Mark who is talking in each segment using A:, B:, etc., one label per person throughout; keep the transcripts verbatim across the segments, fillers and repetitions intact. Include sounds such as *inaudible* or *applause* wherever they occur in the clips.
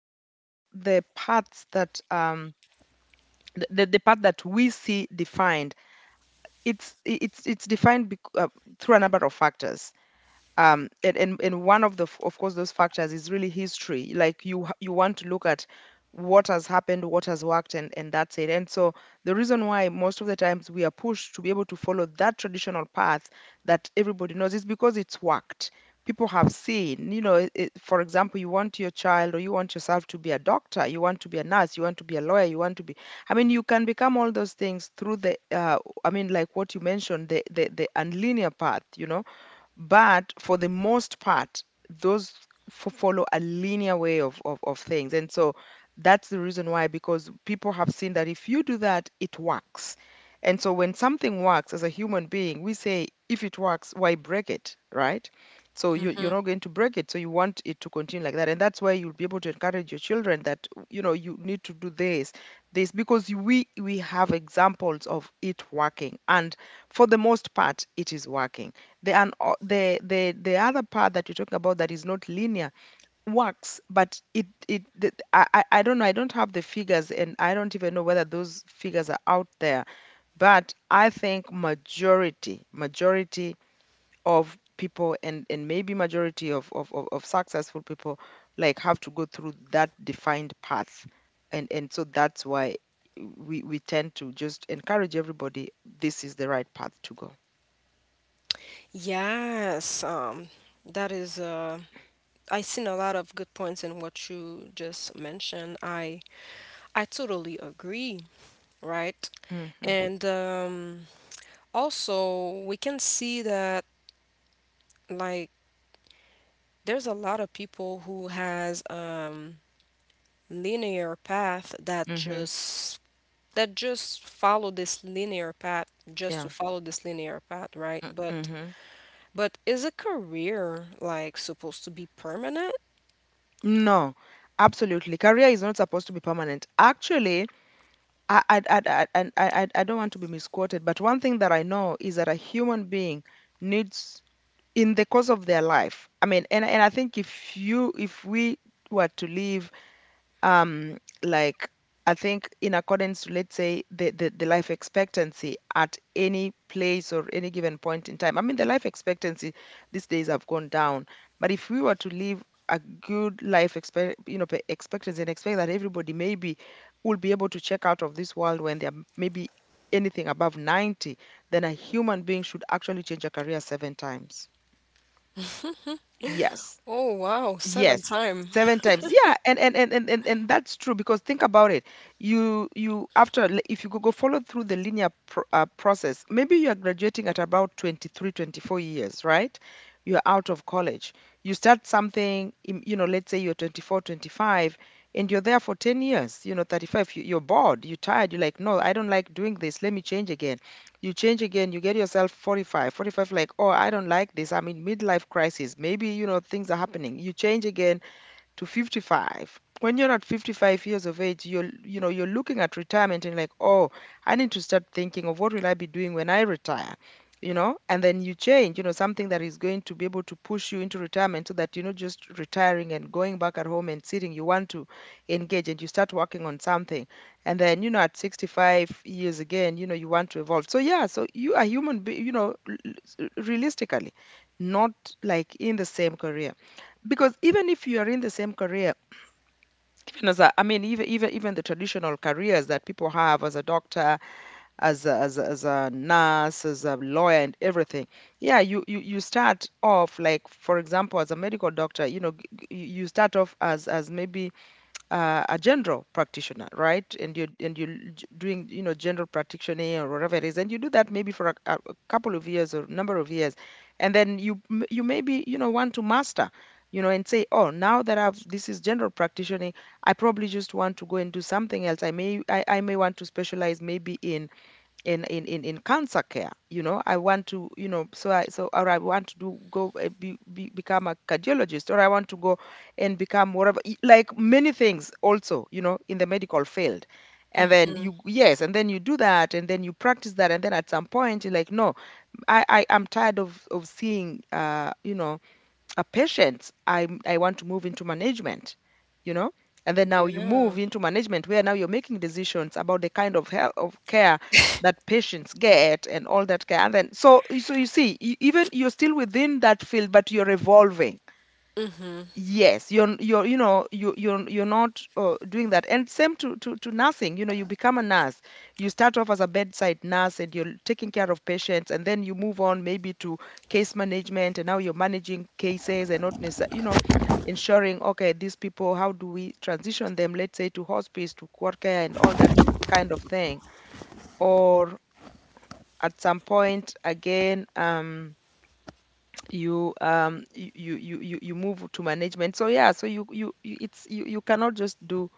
A: most of the paths that um the, the the path that we see defined, it's I- it's it's defined bec- uh, through a number of factors um and, and and one of the f- of course those factors is really history, like you h- you want to look at what has happened, what has worked, and and that's it. And so the reason why most of the times we are pushed to be able to follow that traditional path that everybody knows is because it's worked. People have seen, you know it, it- for example, you want your child, or you want yourself to be a doctor, you want to be a nurse, you want to be a lawyer, you want to be, I mean, you can become all those things through the uh, I mean, like what you mentioned, the the, the unlinear path you know but for the most part, those f- follow a linear way of, of, of things. And so that's the reason why, because people have seen that if you do that, it works. And so when something works as a human being, we say, if it works, why break it, right? So you, you're
B: Hmm.
A: not going to break it. So you want it to continue like that. And that's why you'll be able to encourage your children that, you know, you need to do this, this, because we, we have examples of it working. And for the most part, it is working. The, un- o- the the the other part that you're talking about, that is not linear, works, but it it the, I I I don't know. I don't have the figures, and I don't even know whether those figures are out there. But I think majority majority of people, and and maybe majority of of of, of successful people, like, have to go through that defined path, and and so that's why we we tend to just encourage everybody. This is the right path to go.
B: Yes, um, that is uh, I seen a lot of good points in what you just mentioned. I I totally agree, right?
A: Hmm.
B: And um, also we can see that like there's a lot of people who has um linear path that
A: Hmm.
B: just that just follow this linear path just
A: Yeah.
B: to follow this linear path, right? But
A: Mm-hmm.
B: but is a career like supposed to be permanent?
A: No, absolutely. Career is not supposed to be permanent. Actually, I, I, I, I, I, I I don't want to be misquoted, but one thing that I know is that a human being needs, in the course of their life, I mean, and, and I think if you, if we were to live, um like, I think in accordance to, let's say, the, the the life expectancy at any place or any given point in time, I mean, the life expectancy these days have gone down, but if we were to live a good life, expect you know pe- expectancy, and expect that everybody, maybe, will be able to check out of this world when they're, maybe, anything above ninety, then a human being should actually change a career seven times. Yes.
B: Oh wow, seven
A: Yes,
B: time.
A: seven times. Yeah, and and and and and, and that's true, because think about it. You you, after li- if you go, go follow through the linear pro, uh, process, maybe you are graduating at about twenty three, twenty four years, right? You're out of college. You start something, im- you know, let's say you're twenty five, and you're there for ten years, you know, thirty-five. You, you're bored, you're tired, you're like, no, I don't like doing this. Let me change again. You change again, you get yourself forty-five, forty-five. Like, oh, I don't like this, I'm in midlife crisis, maybe, you know things are happening, you change again, to fifty-five. When you're not fifty-five years of age, you're you know you're looking at retirement and like, oh, I need to start thinking of, what will I be doing when I retire? You know and then you change, you know something that is going to be able to push you into retirement, so that you're not just retiring and going back at home and sitting. You want to engage, and you start working on something. And then, you know at sixty-five years again, you know you want to evolve. So yeah, so you are, human be- you know l- l- realistically, not, like, in the same career. Because even if you are in the same career, even as a, I mean, even even even the traditional careers that people have, as a doctor, as a, as a, as a nurse, as a lawyer, and everything. Yeah, you, you you start off, like, for example, as a medical doctor, you know g- g- you you start off as as maybe, uh, a general practitioner, right? And you're and you're j- doing, you know general practitioner or whatever it is, and you do that maybe for a, a a couple of years or number of years, and then you m- you maybe, you know want to master, you know, and say, oh, now that I've, this is general practitioner, I probably just want to go and do something else. I may, I, I may want to specialize, maybe, in in in in, in cancer care. you know I want to, you know so i so or I want to do, go, uh, be, be, become a cardiologist, or I want to go and become whatever, y- like, many things also, you know in the medical field. And then
B: Hmm.
A: you, yes, and then you do that, and then you practice that, and then at some point you're like, no, i, I i'm tired of of seeing, uh you know a patience. I I want to move into management, you know. And then now you
B: Yeah.
A: move into management, where now you're making decisions about the kind of health of care that patients get, and all that care. And then so so you see, e- even you're still within that field, but you're evolving. Yes, you're you're you know you you're you're not uh, doing that. And same to, to to nursing. You know you become a nurse, you start off as a bedside nurse, and you're taking care of patients, and then you move on, maybe, to case management, and now you're managing cases, and not necessarily, you know ensuring, okay, these people, how do we transition them, let's say, to hospice, to court care, and all that kind of thing. Or, at some point again, um you um you you you you you move to management. So yeah, so you you, you it's you, you cannot just do,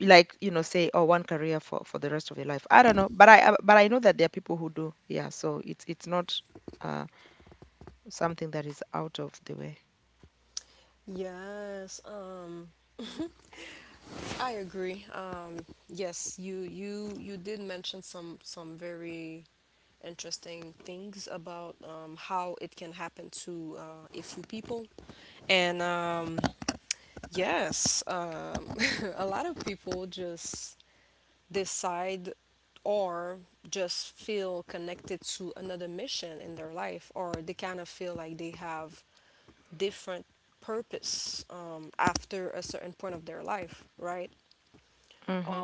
A: like, you know say, oh, one career for for the rest of your life. I don't know, but i uh, but i know that there are people who do, yeah. So it's it's not uh something that is out of the way.
B: Yes, um, I agree. Um, yes, you you you did mention some some very interesting things about um, how it can happen to uh, a few people, and um, yes, um, *laughs* a lot of people just decide or just feel connected to another mission in their life, or they kind of feel like they have different purpose um, after a certain point of their life, right?
A: Hmm.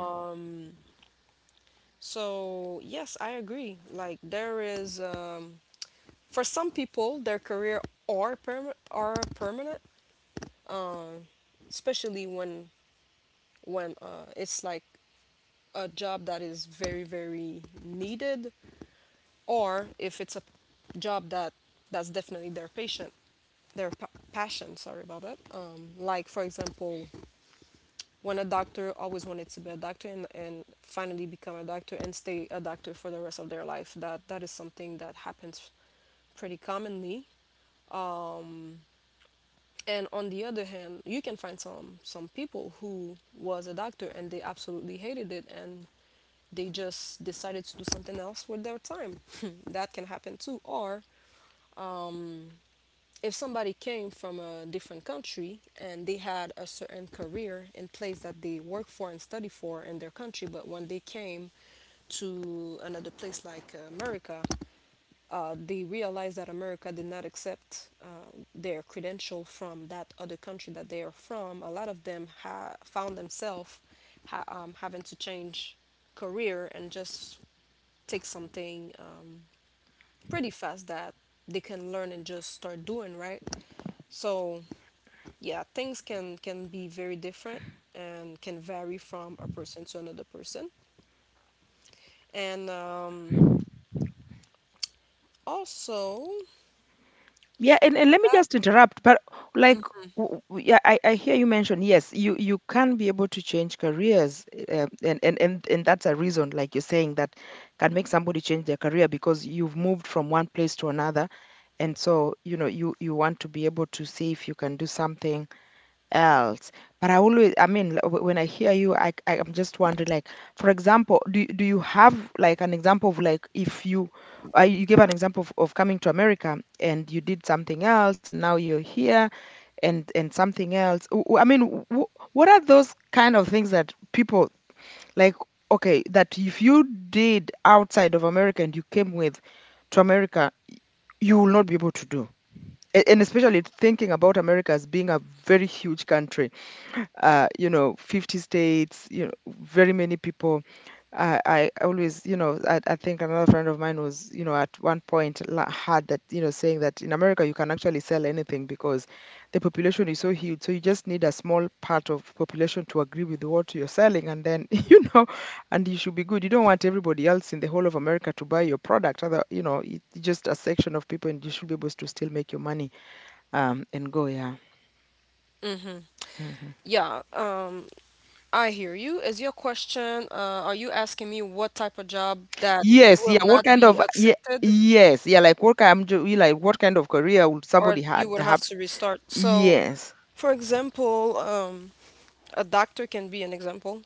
B: So, yes, I agree. Like, there is, um, for some people, their career are, perma are permanent, especially when, when uh, it's like a job that is very, very needed, or if it's a job that that's definitely their patient their pa- passion. Sorry about that. Um, like, for example, when a doctor always wanted to be a doctor and, and finally become a doctor and stay a doctor for the rest of their life. That that is something that happens pretty commonly. And on the other hand, you can find some some people who was a doctor and they absolutely hated it, and they just decided to do something else with their time. *laughs* That can happen too. Or if somebody came from a different country and they had a certain career in place that they work for and study for in their country, but when they came to another place like America, uh, they realized that America did not accept uh, their credential from that other country that they are from. A lot of them ha- found themselves ha- um, having to change career and just take something um, pretty fast that they can learn and just start doing, right? So yeah, things can can be very different and can vary from a person to another person. And um also
A: Yeah, and, and let me
B: that.
A: just interrupt, but, like, w- w- yeah, I, I hear you mention, yes, you, you can be able to change careers, uh, and, and, and, and that's a reason, like you're saying, that can make somebody change their career, because you've moved from one place to another. And so, you know, you, you want to be able to see if you can do something else. But I always, I mean, like, wh- when I hear you, I, I am just wondering, like, for example, do do you have, like, an example of, like, if you uh, you gave an example of, of, coming to America, and you did something else, and now you're here, and and something else. W- w- I mean, w- what are those kind of things that people, like? Okay, that if you did outside of America and you came with to America, you will not be able to do. A- And especially thinking about America as being a very huge country, uh, you know, fifty states, you know, very many people. I, I always, you know, I, I think another friend of mine was, you know, at one point la- had that, you know, saying that in America you can actually sell anything, because the population is so huge. So you just need a small part of population to agree with what you're selling, and then, *laughs* you know, and you should be good. You don't want everybody else in the whole of America to buy your product. Other, you know, it, just a section of people, and you should be able to still make your money, um, and go. Yeah. Mhm.
B: Yeah, um I hear you. Is your question, uh are you asking me what type of job that
A: Yes,
B: will
A: yeah, what
B: not
A: kind
B: be
A: of, yeah,
B: accepted,
A: yes, yeah, like, what kind do you like, what kind of career would
B: or
A: somebody
B: you
A: had
B: would have
A: have?
B: to restart? So,
A: Yes.
B: for example, um a doctor can be an example.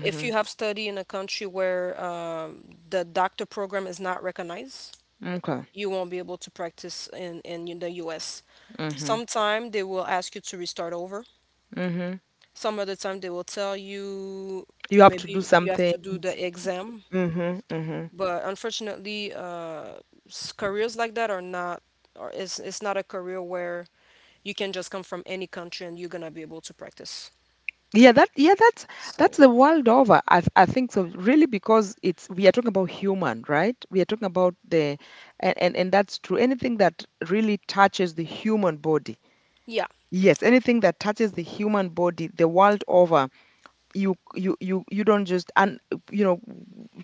B: If you have study in a country where um, the doctor program is not recognized,
A: Okay.
B: you won't be able to practice in, in the U S.
A: Mm-hmm.
B: Sometime they will ask you to restart over.
A: Mm-hmm.
B: Some other time they will tell you
A: You have to do
B: maybe you
A: some
B: have to
A: things.
B: do the exam.
A: Mm-hmm. Mm-hmm.
B: But unfortunately, uh, s- careers like that are not, or it's, it's not a career where you can just come from any country and you're gonna be able to practice.
A: Yeah, that, yeah, that's
B: So,
A: that's the world over. I th- I think so. Really, because it's we are talking about human, right? We are talking about the and, and and that's true. Anything that really touches the human body.
B: yeah.
A: Yes, anything that touches the human body, the world over you you you you don't just and you know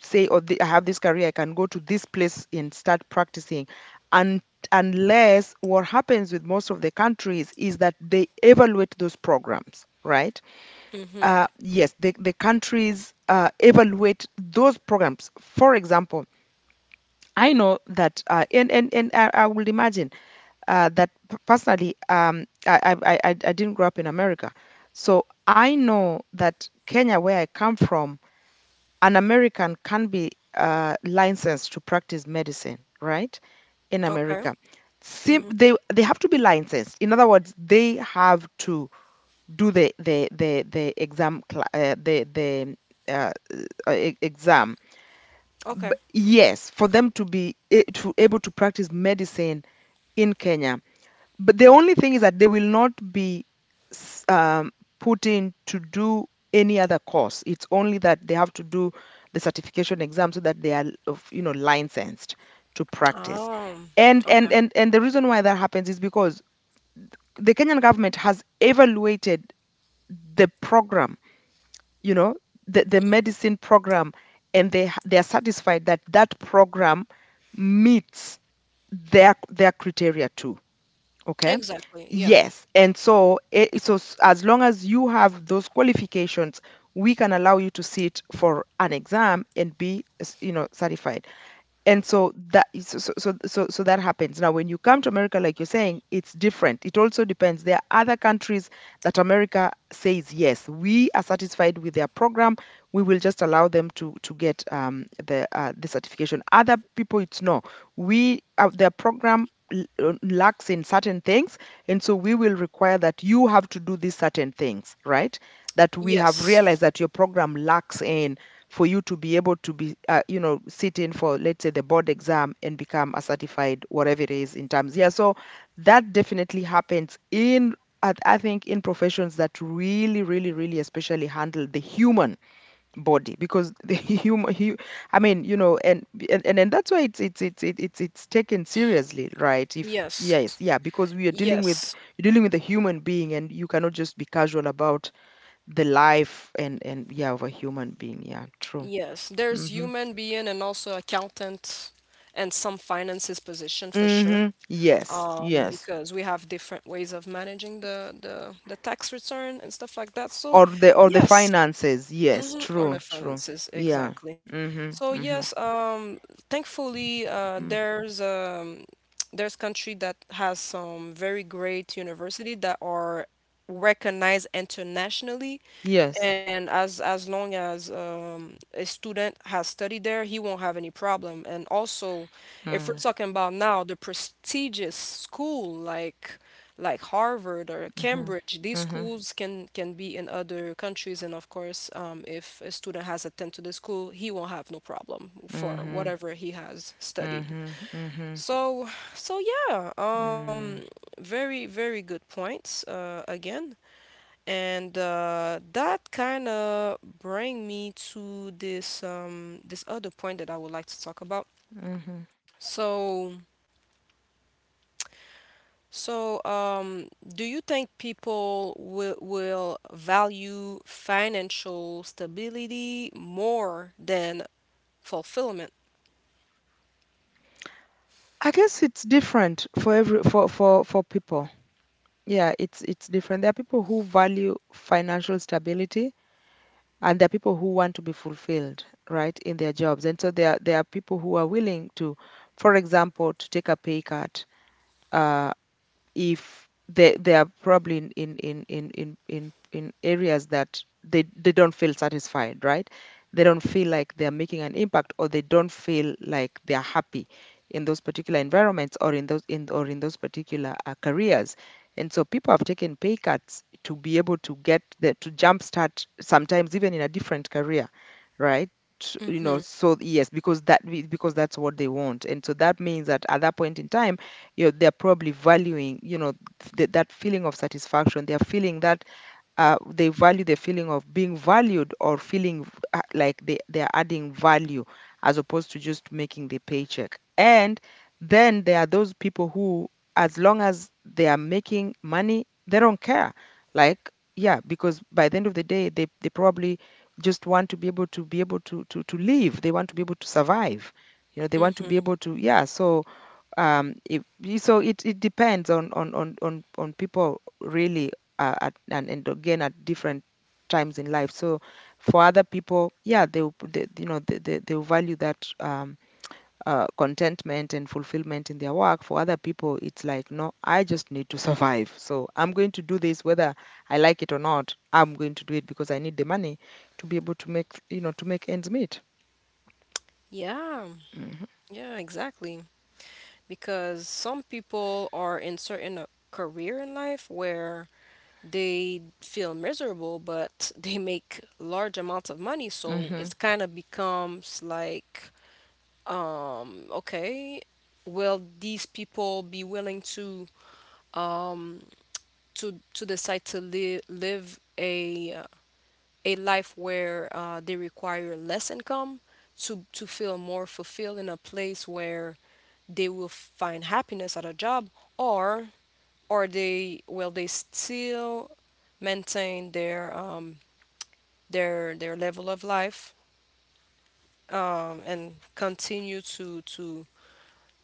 A: say, oh the, I have this career, I can go to this place and start practicing. And unless what happens with most of the countries is that they evaluate those programs, right? Uh, yes, the, the countries uh, evaluate those programs. For example, I know that, uh, and, and and i, I would imagine uh, that p- personally, um, I, I i i I didn't grow up in America, so I know that Kenya, where I come from, an American can be uh, licensed to practice medicine, right? In
B: Okay.
A: America, Sim-
B: Mm-hmm.
A: they they have to be licensed. In other words, they have to do the the the the exam cla uh, the the uh, uh, e- exam.
B: Okay.
A: Yes, for them to be a- to able to practice medicine in Kenya. But the only thing is that they will not be s- um, put in to do any other course. It's only that they have to do the certification exam so that they are of you know licensed to practice.
B: Um,
A: And and
B: okay.
A: and and the reason why that happens is because the Kenyan government has evaluated the program, you know, the, the medicine program, and they ha- they are satisfied that that program meets their their criteria too. Okay.
B: Exactly. Yeah.
A: Yes. And so, it, so s- as long as you have those qualifications, we can allow you to sit for an exam and be, s- you know, certified. And so that is- so, so so so so that happens now. When you come to America, like you're saying, it's different. It also depends. There are other countries that America says, yes, we are satisfied with their program, we will just allow them to to get um, the uh, the certification. Other people, it's no, we uh, their program l- uh, lacks in certain things, and so we will require that you have to do these certain things, right, that we have realized
B: Yes.
A: that your program lacks in, for you to be able to be uh, you know sit in for, let's say, the board exam and become a certified whatever it is in terms. Yeah. So that definitely happens in, I I think in professions that really, really, really especially handle the human body, because the *laughs* human, hu- I mean, you know, and and and, and that's why it's it's it's it- it's it's taken seriously, right? If
B: Yes.
A: Yes, yeah, because we are dealing
B: Yes.
A: with, you're dealing with a human being, and you cannot just be casual about the life and and yeah of a human being. Yeah, true.
B: Yes, there's
A: Mm-hmm.
B: human being and also accountant and some finances position for sure.
A: Mm-hmm. Yes,
B: Um,
A: yes.
B: because we have different ways of managing the the the tax return and stuff like that. So
A: Or the or the
B: yes,
A: finances. Yes,
B: hmm or the
A: true, true.
B: finances
A: Yeah.
B: exactly. So
A: Mm-hmm. Mm-hmm.
B: yes, um, thankfully, uh,
A: Mm.
B: there's um there's country that has some very great university that are recognized internationally,
A: Yes.
B: and as as long as um, a student has studied there, he won't have any problem. And also, if we're
A: Mm-hmm.
B: talking about now the prestigious school, like like Harvard or Cambridge, these
A: Mm-hmm.
B: schools can can be in other countries. And of course, um, if a student has attended to the school, he won't have no problem for
A: Mm-hmm.
B: whatever he has studied.
A: Mm-hmm.
B: So, so yeah, um,
A: Mm-hmm.
B: very, very good points, uh, again. And uh, that kind of bring me to this um, this other point that I would like to talk about.
A: Mm-hmm.
B: So, so um, do you think people will will value financial stability more than fulfillment?
A: I guess it's different for every for for for people. Yeah, it's it's different. There are people who value financial stability, and there are people who want to be fulfilled, right, in their jobs. And so there are, there are people who are willing to, for example, to take a pay cut, uh, if they they are probably in in in in in in, in areas that they they don't feel satisfied, right, they don't feel like they're making an impact, or they don't feel like they're happy in those particular environments, or in those in or in those particular uh, careers. And so people have taken pay cuts to be able to get the to jumpstart, sometimes even in a different career, right? You
B: Mm-hmm.
A: know. So yes, because that because that's what they want. And so that means that at that point in time, you know, they're probably valuing, you know, th- that feeling of satisfaction. They're feeling that uh, they value the feeling of being valued, or feeling v- uh, like they, they're adding value, as opposed to just making the paycheck. And then there are those people who, as long as they are making money, they don't care. Like, yeah, because by the end of the day, they, they probably just want to be able to be able to, to, to live. They want to be able to survive. You know, they want to be
B: Mm-hmm.
A: able to, yeah. So um if, so it, it depends on on on on, on people really, uh, at, and, and again at different times in life. So for other people, yeah, they, will- they, you know, they, they, they will value that um uh, contentment and fulfillment in their work. For other people, it's like, no, I just need to survive, so I'm going to do this whether I like it or not. I'm going to do it because I need the money to be able to make, you know, to make ends meet.
B: Yeah,
A: Hmm.
B: yeah, exactly. Because some people are in certain, uh, career in life where they feel miserable, but *laughs* they make large amounts of money. So
A: Hmm.
B: it's kind of becomes like, um okay, will these people be willing to to to decide to live live a uh, a life where uh, they require less income to to feel more fulfilled in a place where they will find happiness at a job? Or or they will they still maintain their um their their level of life, um and continue to to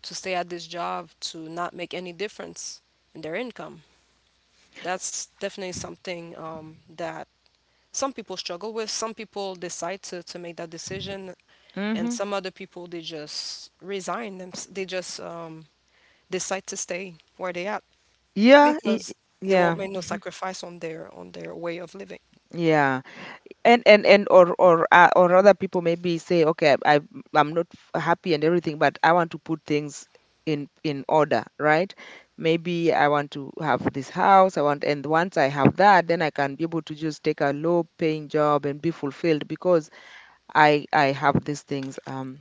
B: to stay at this job to not make any difference in their income. That's definitely something um that some people struggle with. Some people decide to, to make that decision. And
A: Hmm.
B: some other people, they just resign them. They just um, decide to stay where they at,
A: Yeah. I-
B: because
A: i-
B: they won't
A: yeah.
B: make no
A: Hmm.
B: sacrifice on their on their way of living.
A: Yeah. And and and or or uh, or other people maybe say, okay, I, I'm not f- happy and everything, but I want to put things in in order, right? Maybe I want to have this house I want, and once I have that, then I can be able to just take a low paying job and be fulfilled because I i have these things um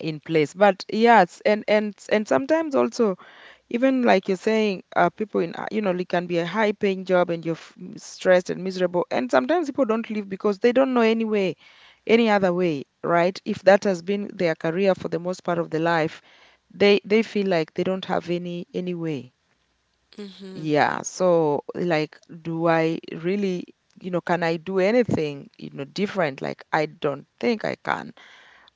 A: in place. But yes, and and and sometimes also, even like you're saying, uh, people in, uh, you know, it can be a high paying job and you're f- m- stressed and miserable. And sometimes people don't leave because they don't know any way, any other way, right? If that has been their career for the most part of their life, they they feel like they don't have any any way. Yeah. So like, do I really, you know, can I do anything, you know, different? Like, I don't think I can.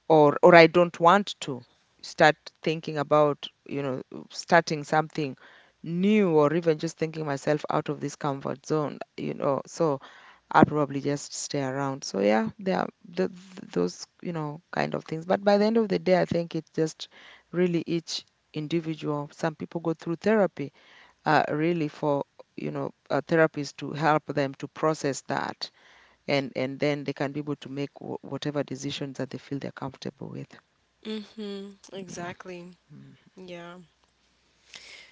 A: or Or I don't want to start thinking about, you know, starting something new, or even just thinking myself out of this comfort zone, you know. So I'll probably just stay around. So yeah, there are th- th- those, you know, kind of things. But by the end of the day, I think it's just really each individual. Some people go through therapy, uh, really for, you know uh, therapies to help them to process that, and and then they can be able to make wh- whatever decisions that they feel they're comfortable with.
B: Mm-hmm.
A: Yeah.
B: Exactly.
A: Mm.
B: Yeah.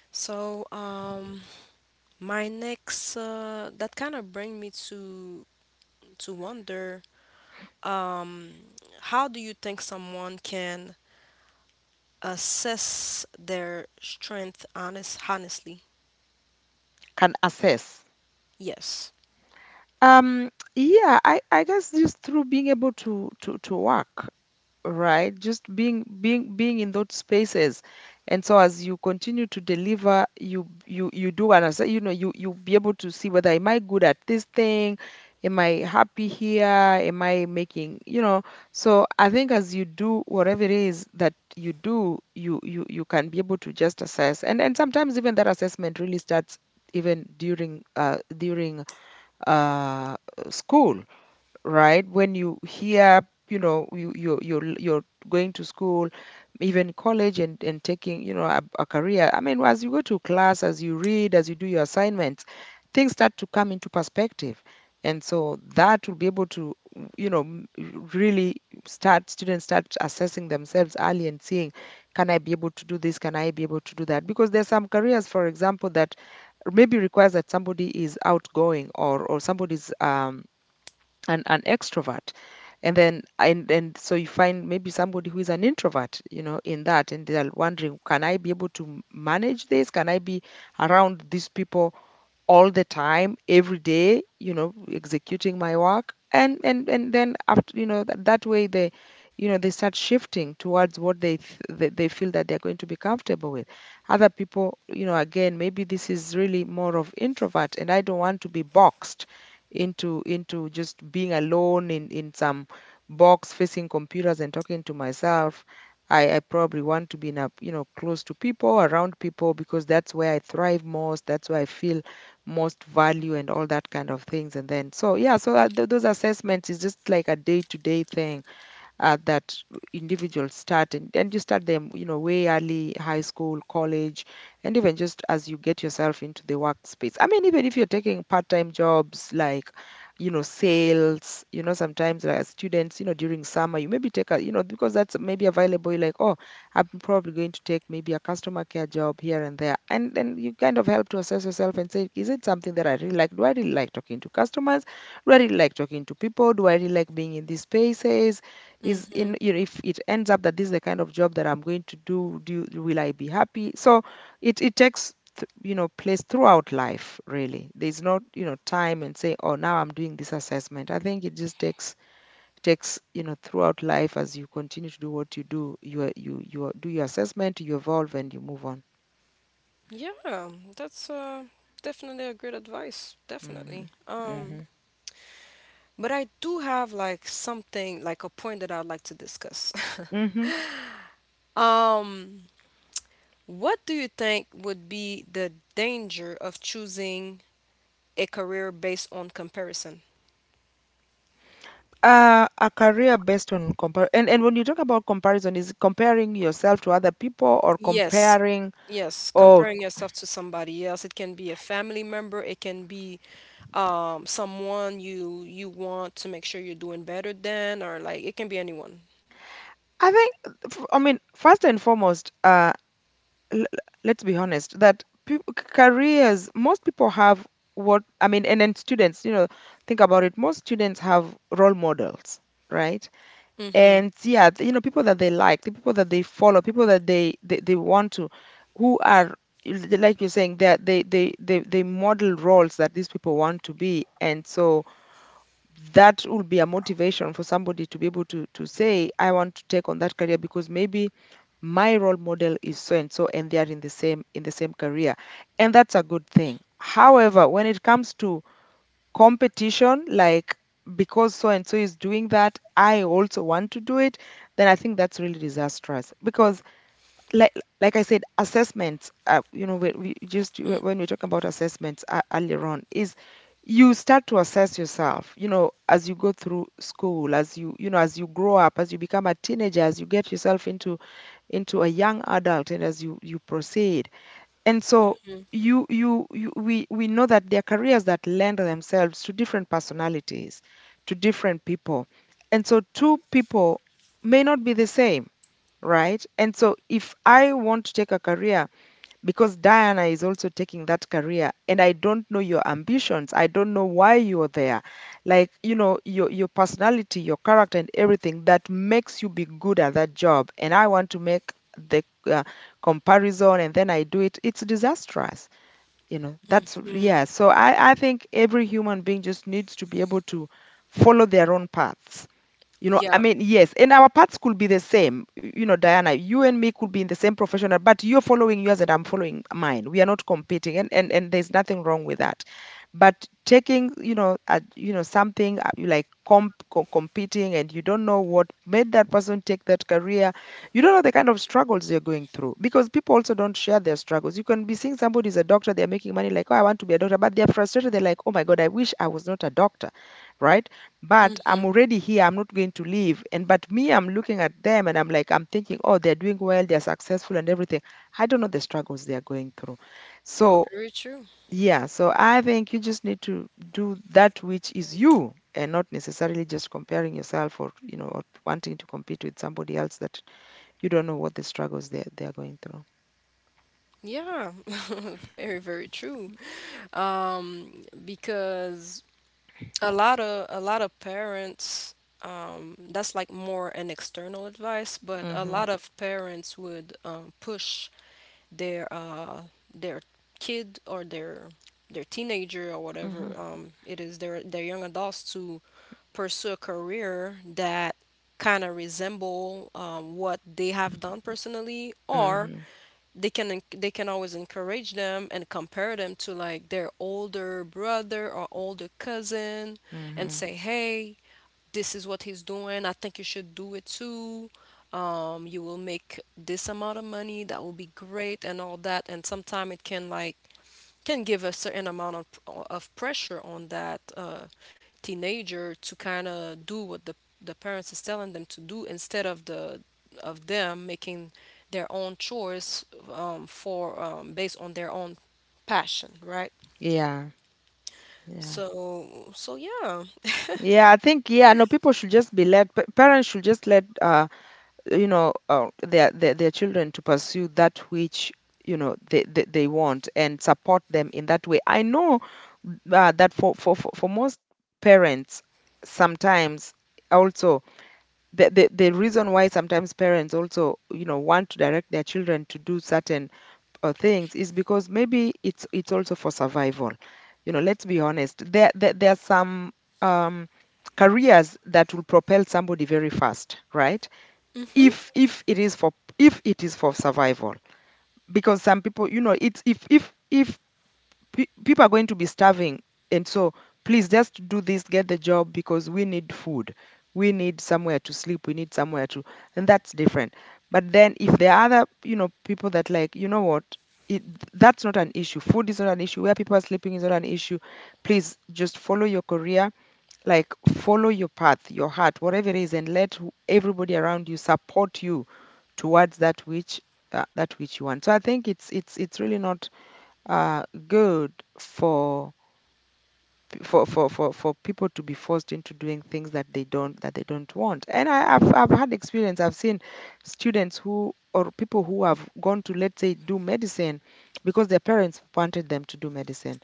B: So, um, my next, uh, that kind of bring me to to wonder, how do you think someone can assess their strength honest honestly?
A: Can assess.
B: Yes.
A: Um, yeah, i i guess just through being able to to to work, right, just being being being in those spaces. And so as you continue to deliver, you you you do, and you know, you you be able to see whether, am I good at this thing, am I happy here, am I making, you know. So I think as you do whatever it is that you do, you you you can be able to just assess. and and sometimes even that assessment really starts even during uh during uh school, right? When you hear, you know, you you you're you're going to school, even college, and and taking, you know, a, a career. I mean, as you go to class, as you read, as you do your assignments, things start to come into perspective, and so that will be able to, you know, m- really start, students start assessing themselves early and seeing, can I be able to do this? Can I be able to do that? Because there's some careers, for example, that maybe requires that somebody is outgoing, or or somebody's um an, an extrovert. And then and and so you find maybe somebody who is an introvert, you know, in that, and they're wondering, can I be able to manage this, can I be around these people all the time, every day, you know, executing my work. And and and then after, you know, that, that way, they, you know, they start shifting towards what they, th- they they feel that they're going to be comfortable with. Other people, you know, again, maybe this is really more of introvert, and I don't want to be boxed into into just being alone in in some box, facing computers and talking to myself. I, I probably want to be in a, you know, close to people, around people, because that's where I thrive most, that's where I feel most value, and all that kind of things. And then so yeah, so uh, th- those assessments is just like a day to day thing, uh, that individuals start. And, and you start them, you know, way early, high school, college, and even just as you get yourself into the workspace. I mean, even if you're taking part-time jobs like, you know, sales, you know, sometimes like as students, you know, during summer, you maybe take a, you know, because that's maybe available, you're like, oh, I'm probably going to take maybe a customer care job here and there. And then you kind of help to assess yourself and say, is it something that I really like, do I really like talking to customers, do I really like talking to people, do I really like being in these spaces is
B: Mm-hmm.
A: in you know, if it ends up that this is the kind of job that I'm going to do, do will I be happy? So it it takes th- you know place throughout life, really. There's not, you know time and say, oh, now I'm doing this assessment. I think it just takes takes you know throughout life. As you continue to do what you do, you are- you you are- do your assessment, you evolve and you move on.
B: Yeah, that's uh, definitely a great advice.
A: Hmm.
B: Definitely. Um,
A: Hmm.
B: but I do have like something, like a point that I'd like to discuss. *laughs*
A: Hmm.
B: Um, what do you think would be the danger of choosing a career based on comparison?
A: Uh, a career based on compare, and, and when you talk about comparison, is it comparing yourself to other people or
B: Yes.
A: comparing?
B: Yes,
A: Oh,
B: comparing yourself to somebody else. It can be a family member, it can be um someone you you want to make sure you're doing better than, or like it can be anyone.
A: I think, f- I mean, first and foremost, uh, l- let's be honest that peop careers, most people have what, I mean, and then students, you know, think about it, most students have role models, right? And yeah, th- you know, people that they like, the people that they follow, people that they, they, they want to, who are, l- like you're saying, that they, they, they, they model roles that these people want to be. And so, that will be a motivation for somebody to be able to to say, I want to take on that career because maybe my role model is so and so and they are in the same in the same career. And that's a good thing. However, when it comes to competition, like, because so and so is doing that, I also want to do it, then I think that's really disastrous because, like like I said, assessments. Uh, you know, when we just when when we talk about assessments, uh, earlier on, is you start to assess yourself. You know, as you go through school, as you, you know, as you grow up, as you become a teenager, as you get yourself into into a young adult, and as you you proceed, and so you you, you we we know that there are careers that lend themselves to different personalities, to different people, and so two people may not be the same, right? And so if I want to take a career because Diana is also taking that career, and I don't know your ambitions, I don't know why you're there, like, you know, your your personality, your character, and everything that makes you be good at that job, and I want to make the uh, comparison, and then I do it, it's disastrous. You know that's,
B: Mm,
A: yeah. So i i think every human being just needs to be able to follow their own paths. you know, I
B: yeah.
A: mean, yes, and our paths could be the same. y- You know, Diana, you and me could be in the same professional, but you're following yours and I'm following mine. We are not competing, and and, and there's nothing wrong with that. But taking, you know, uh, you know, something, uh, you, like, comp, co- competing, and you don't know what made that person take that career. You don't know the kind of struggles they're going through because people also don't share their struggles. You can be seeing somebody is a doctor, they're making money, like, oh, I want to be a doctor, but they're frustrated. They're like, oh my God, I wish I was not a doctor, right? But I'm already here. I'm not going to leave. And but me, I'm looking at them and I'm like, I'm thinking, oh, they're doing well, they're successful and everything. I don't know the struggles they are going through. So
B: Very true.
A: yeah, so I think you just need to do that which is you and not necessarily just comparing yourself or, you know or wanting to compete with somebody else that you don't know what the struggles they they are going through.
B: Yeah, *laughs* very, very true. Um, because a lot of a lot of parents, um, that's like more an external advice, but a
A: Mhm.
B: lot of parents would um, push their uh, their kid or their their teenager or whatever
A: Mhm.
B: um, it is, their their young adults to pursue a career that kind of resemble um, what they have done personally, or
A: Mhm.
B: they can en- they can always encourage them and compare them to like their older brother or older cousin, and
A: Mhm.
B: say, hey, this is what he's doing. I think you should do it too. Um, you will make this amount of money. That will be great and all that. And sometimes it can, like, can give a certain amount of of pressure on that uh, teenager to kind of do what the the parents is telling them to do, instead of the of them making their own choice, um, for um, based on their own passion, right?
A: Yeah. Yeah.
B: So so yeah.
A: Yeah, I think, yeah, no, people should just be let, pa- parents should just let, uh you know, uh, their, their their children to pursue that which, you know they, they, they want, and support them in that way. I know, uh, that for, for for for most parents, sometimes, also, the, the the reason why sometimes parents also, you know, want to direct their children to do certain, uh, things is because maybe it's it's also for survival. You know, let's be honest, there there, there are some, um careers that will propel somebody very fast, right?
B: Mhm.
A: if if it is for, if it is for survival, because some people, you know, it's, if if if pe- people are going to be starving. And so, please just do this, get the job, because we need food, we need somewhere to sleep, we need somewhere to and that's different. But then, if there are other, you know, people that, like, you know what, it, that's not an issue, food is not an issue, where people are sleeping is not an issue, please just follow your career, like, follow your path, your heart, whatever it is, and let, who- everybody around you, support you towards that which, uh, that which you want. So I think it's it's it's really not, uh, good for, p- for, for, for for people to be forced into doing things that they don't, that they don't want. And I, I've I've had experience. I've seen students who, or people who have gone to, let's say, do medicine because their parents wanted them to do medicine,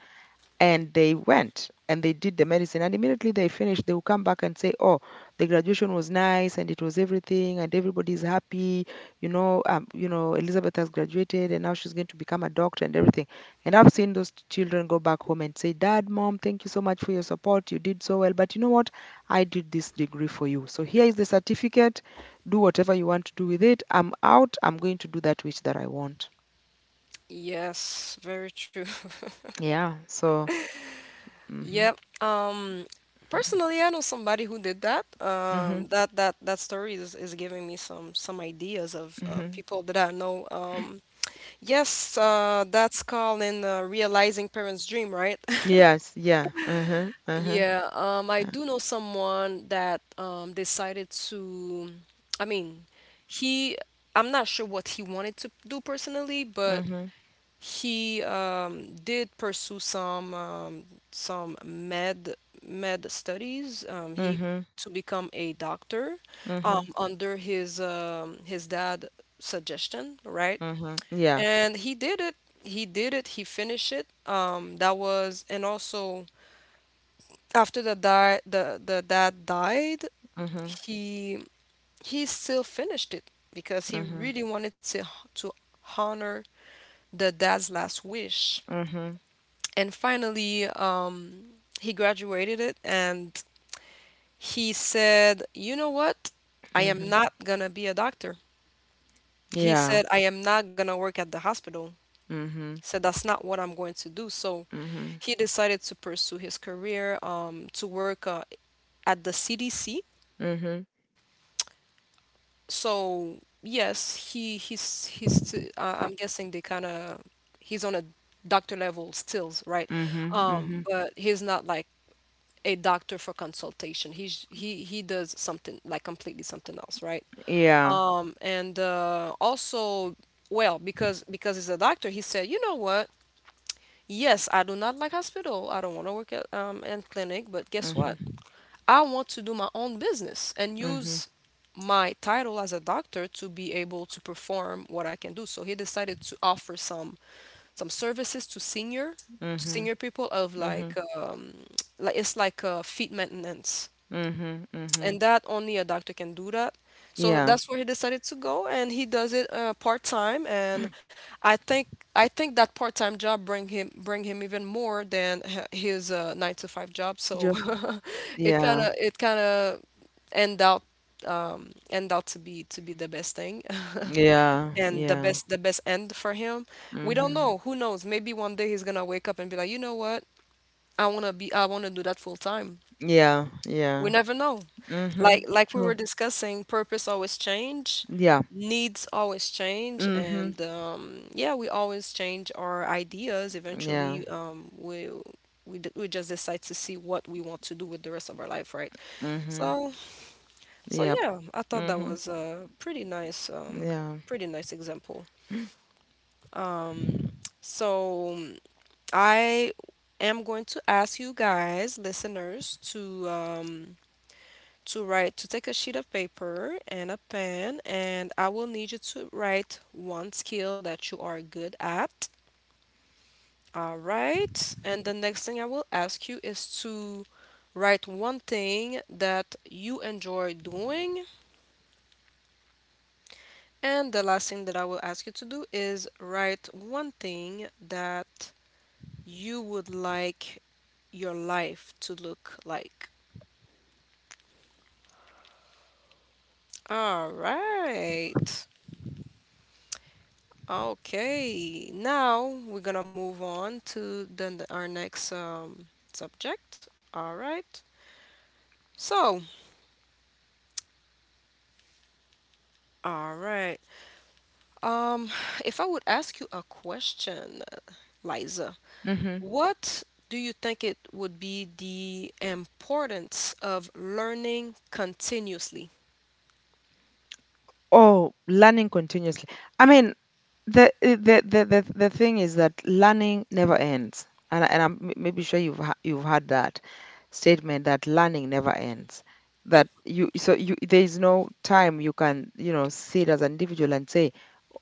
A: and they went and they did the medicine, and immediately they finished, they will come back and say, oh, the graduation was nice and it was everything and everybody's happy. You know um, you know Elizabeth has graduated and now she's going to become a doctor and everything. And I've seen those, t- children go back home and say, dad, mom, thank you so much for your support, you did so well, but you know what, I did this degree for you, so here is the certificate, do whatever you want to do with it, I'm out, I'm going to do that which, that, I want.
B: Yes, very true.
A: Yeah, so. Hmm.
B: Yep. Um, personally, I know somebody who did that.
A: Hmm.
B: Um, that that that story is, is giving me some some ideas of uh,
A: Hmm.
B: people that I know. Um, yes, uh, that's called in, uh, realizing parents' dream, right? *laughs*
A: Yes, yeah. Uh-huh. Uh-huh.
B: Yeah, um, I
A: Uh,
B: do know someone that um, decided to. I mean, he. I'm not sure what he wanted to do personally, but
A: mhm.
B: he um, did pursue some um, some med med studies. Um, he
A: Mhm.
B: to become a doctor, um,
A: Mhm.
B: under his, um, his dad suggestion, right?
A: Mhm. Yeah.
B: And he did it. He did it. He finished it. Um, that was, and also, after the die the the dad died,
A: Mhm.
B: he he still finished it because he
A: Mhm.
B: really wanted to to honor the dad's last wish,
A: Mhm.
B: and finally, um, he graduated it, and he said, you know what, I am
A: Mhm.
B: not gonna be a doctor. He
A: Yeah.
B: said, I am not gonna work at the hospital.
A: Mhm.
B: Said that's not what I'm going to do. So
A: Mhm.
B: he decided to pursue his career, um, to work uh, at the C D C.
A: Mhm.
B: So yes, he he's he's t- uh, I'm guessing, they kind of, he's on a doctor level stills, right?
A: Mhm. Mhm.
B: Um but he's not like a doctor for consultation. He's he he does something like completely something else, right?
A: Yeah.
B: Um, and uh, also, well, because because he's a doctor, he said, you know what? Yes, I do not like hospital. I don't want to work at, um in clinic, but guess what?
A: Mhm.
B: I want to do my own business and
A: Mhm.
B: use my title as a doctor to be able to perform what I can do. So he decided to offer some some services to senior
A: Mhm.
B: senior people of,
A: Mhm.
B: like um like it's like, uh, feet maintenance,
A: Mhm. Mhm.
B: and that only a doctor can do that. So
A: Yeah.
B: that's where he decided to go, and he does it, uh, part time. And I think I think that part time job bring him bring him even more than h- his, uh, nine to five job. So
A: Ju-
B: *laughs* it kind
A: Yeah.
B: of it kind of end out um, end out to be to be the best thing. *laughs*
A: Yeah.
B: And the
A: Yeah.
B: best, the best end for him. We don't
A: Mhm.
B: know. Who knows? Maybe one day he's gonna wake up and be like, you know what? I wanna be, I wanna do that full time.
A: Yeah.
B: We
A: Yeah.
B: never know. Like
A: Mhm.
B: like we were
A: True.
B: discussing, purpose always change,
A: Yeah.
B: needs always change,
A: Mhm.
B: and um, yeah, we always change our ideas.
A: Yeah.
B: Eventually, um, we we d- we just decide to see what we want to do with the rest of our life, right?
A: Mhm.
B: So so
A: Yep.
B: yeah, I thought that
A: Mhm.
B: was a pretty nice um,
A: Yeah.
B: pretty nice example. Um, so I am going to ask you guys, listeners, to um, to write to take a sheet of paper and a pen, and I will need you to write one skill that you are good at. All right. And the next thing I will ask you is to write one thing that you enjoy doing. And the last thing that I will ask you to do is write one thing that you would like your life to look like. All right. Okay, now we're gonna move on to the, our next um, subject. All right. So, all right. Um, if I would ask you a question, Liza,
A: Mhm.
B: what do you think it would be the importance of learning continuously?
A: Oh, learning continuously. I mean, the the the the, the thing is that learning never ends, and, I- and I'm, m- maybe, sure you've, ha- you've heard that statement, that learning never ends. That you so You, there is no time you can, you know, sit as an individual and say,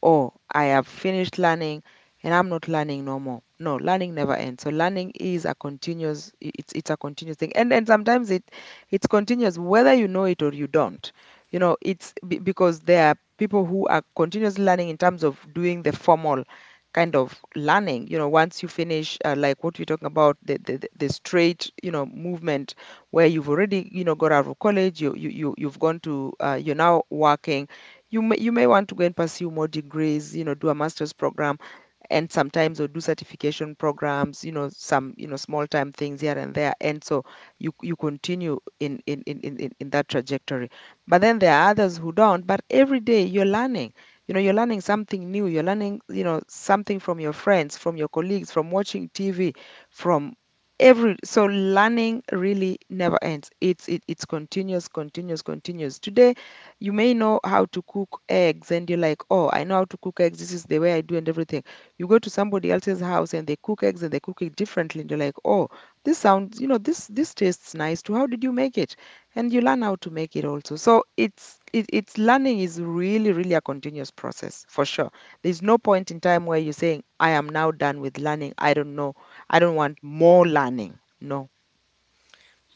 A: oh, I have finished learning and I'm not learning no more. No, learning never ends. So learning is a continuous. i- It's it's a continuous thing, and and sometimes it it's continuous whether you know it or you don't. You know, it's be- because there are people who are continuously learning, in terms of doing the formal kind of learning. You know, once you finish, uh, like what we're talking about, the, the the the straight, you know, movement, where you've already, you know, got out of college, you, you, you you've gone to, uh, you're now working, you may, you may want to go and pursue more degrees, you know, do a master's program, and sometimes, or do certification programs, you know, some, you know, small time things here and there. And so you you continue in, in in in, in in that trajectory. But then there are others who don't. But every day you're learning. You know, you're learning something new. You're learning, you know, something from your friends, from your colleagues, from watching T V, from every so learning really never ends. It's it, it's continuous, continuous, continuous. Today you may know how to cook eggs and you're like, oh, I know how to cook eggs, this is the way I do and everything, you go to somebody else's house and they cook eggs and they cook it differently and you're like, oh, this sounds, you know, this this tastes nice too, how did you make it? And you learn how to make it also. So it's it, it's learning is really, really a continuous process for sure. There's no point in time where you're saying, I am now done with learning, I don't know, I don't want more learning, no.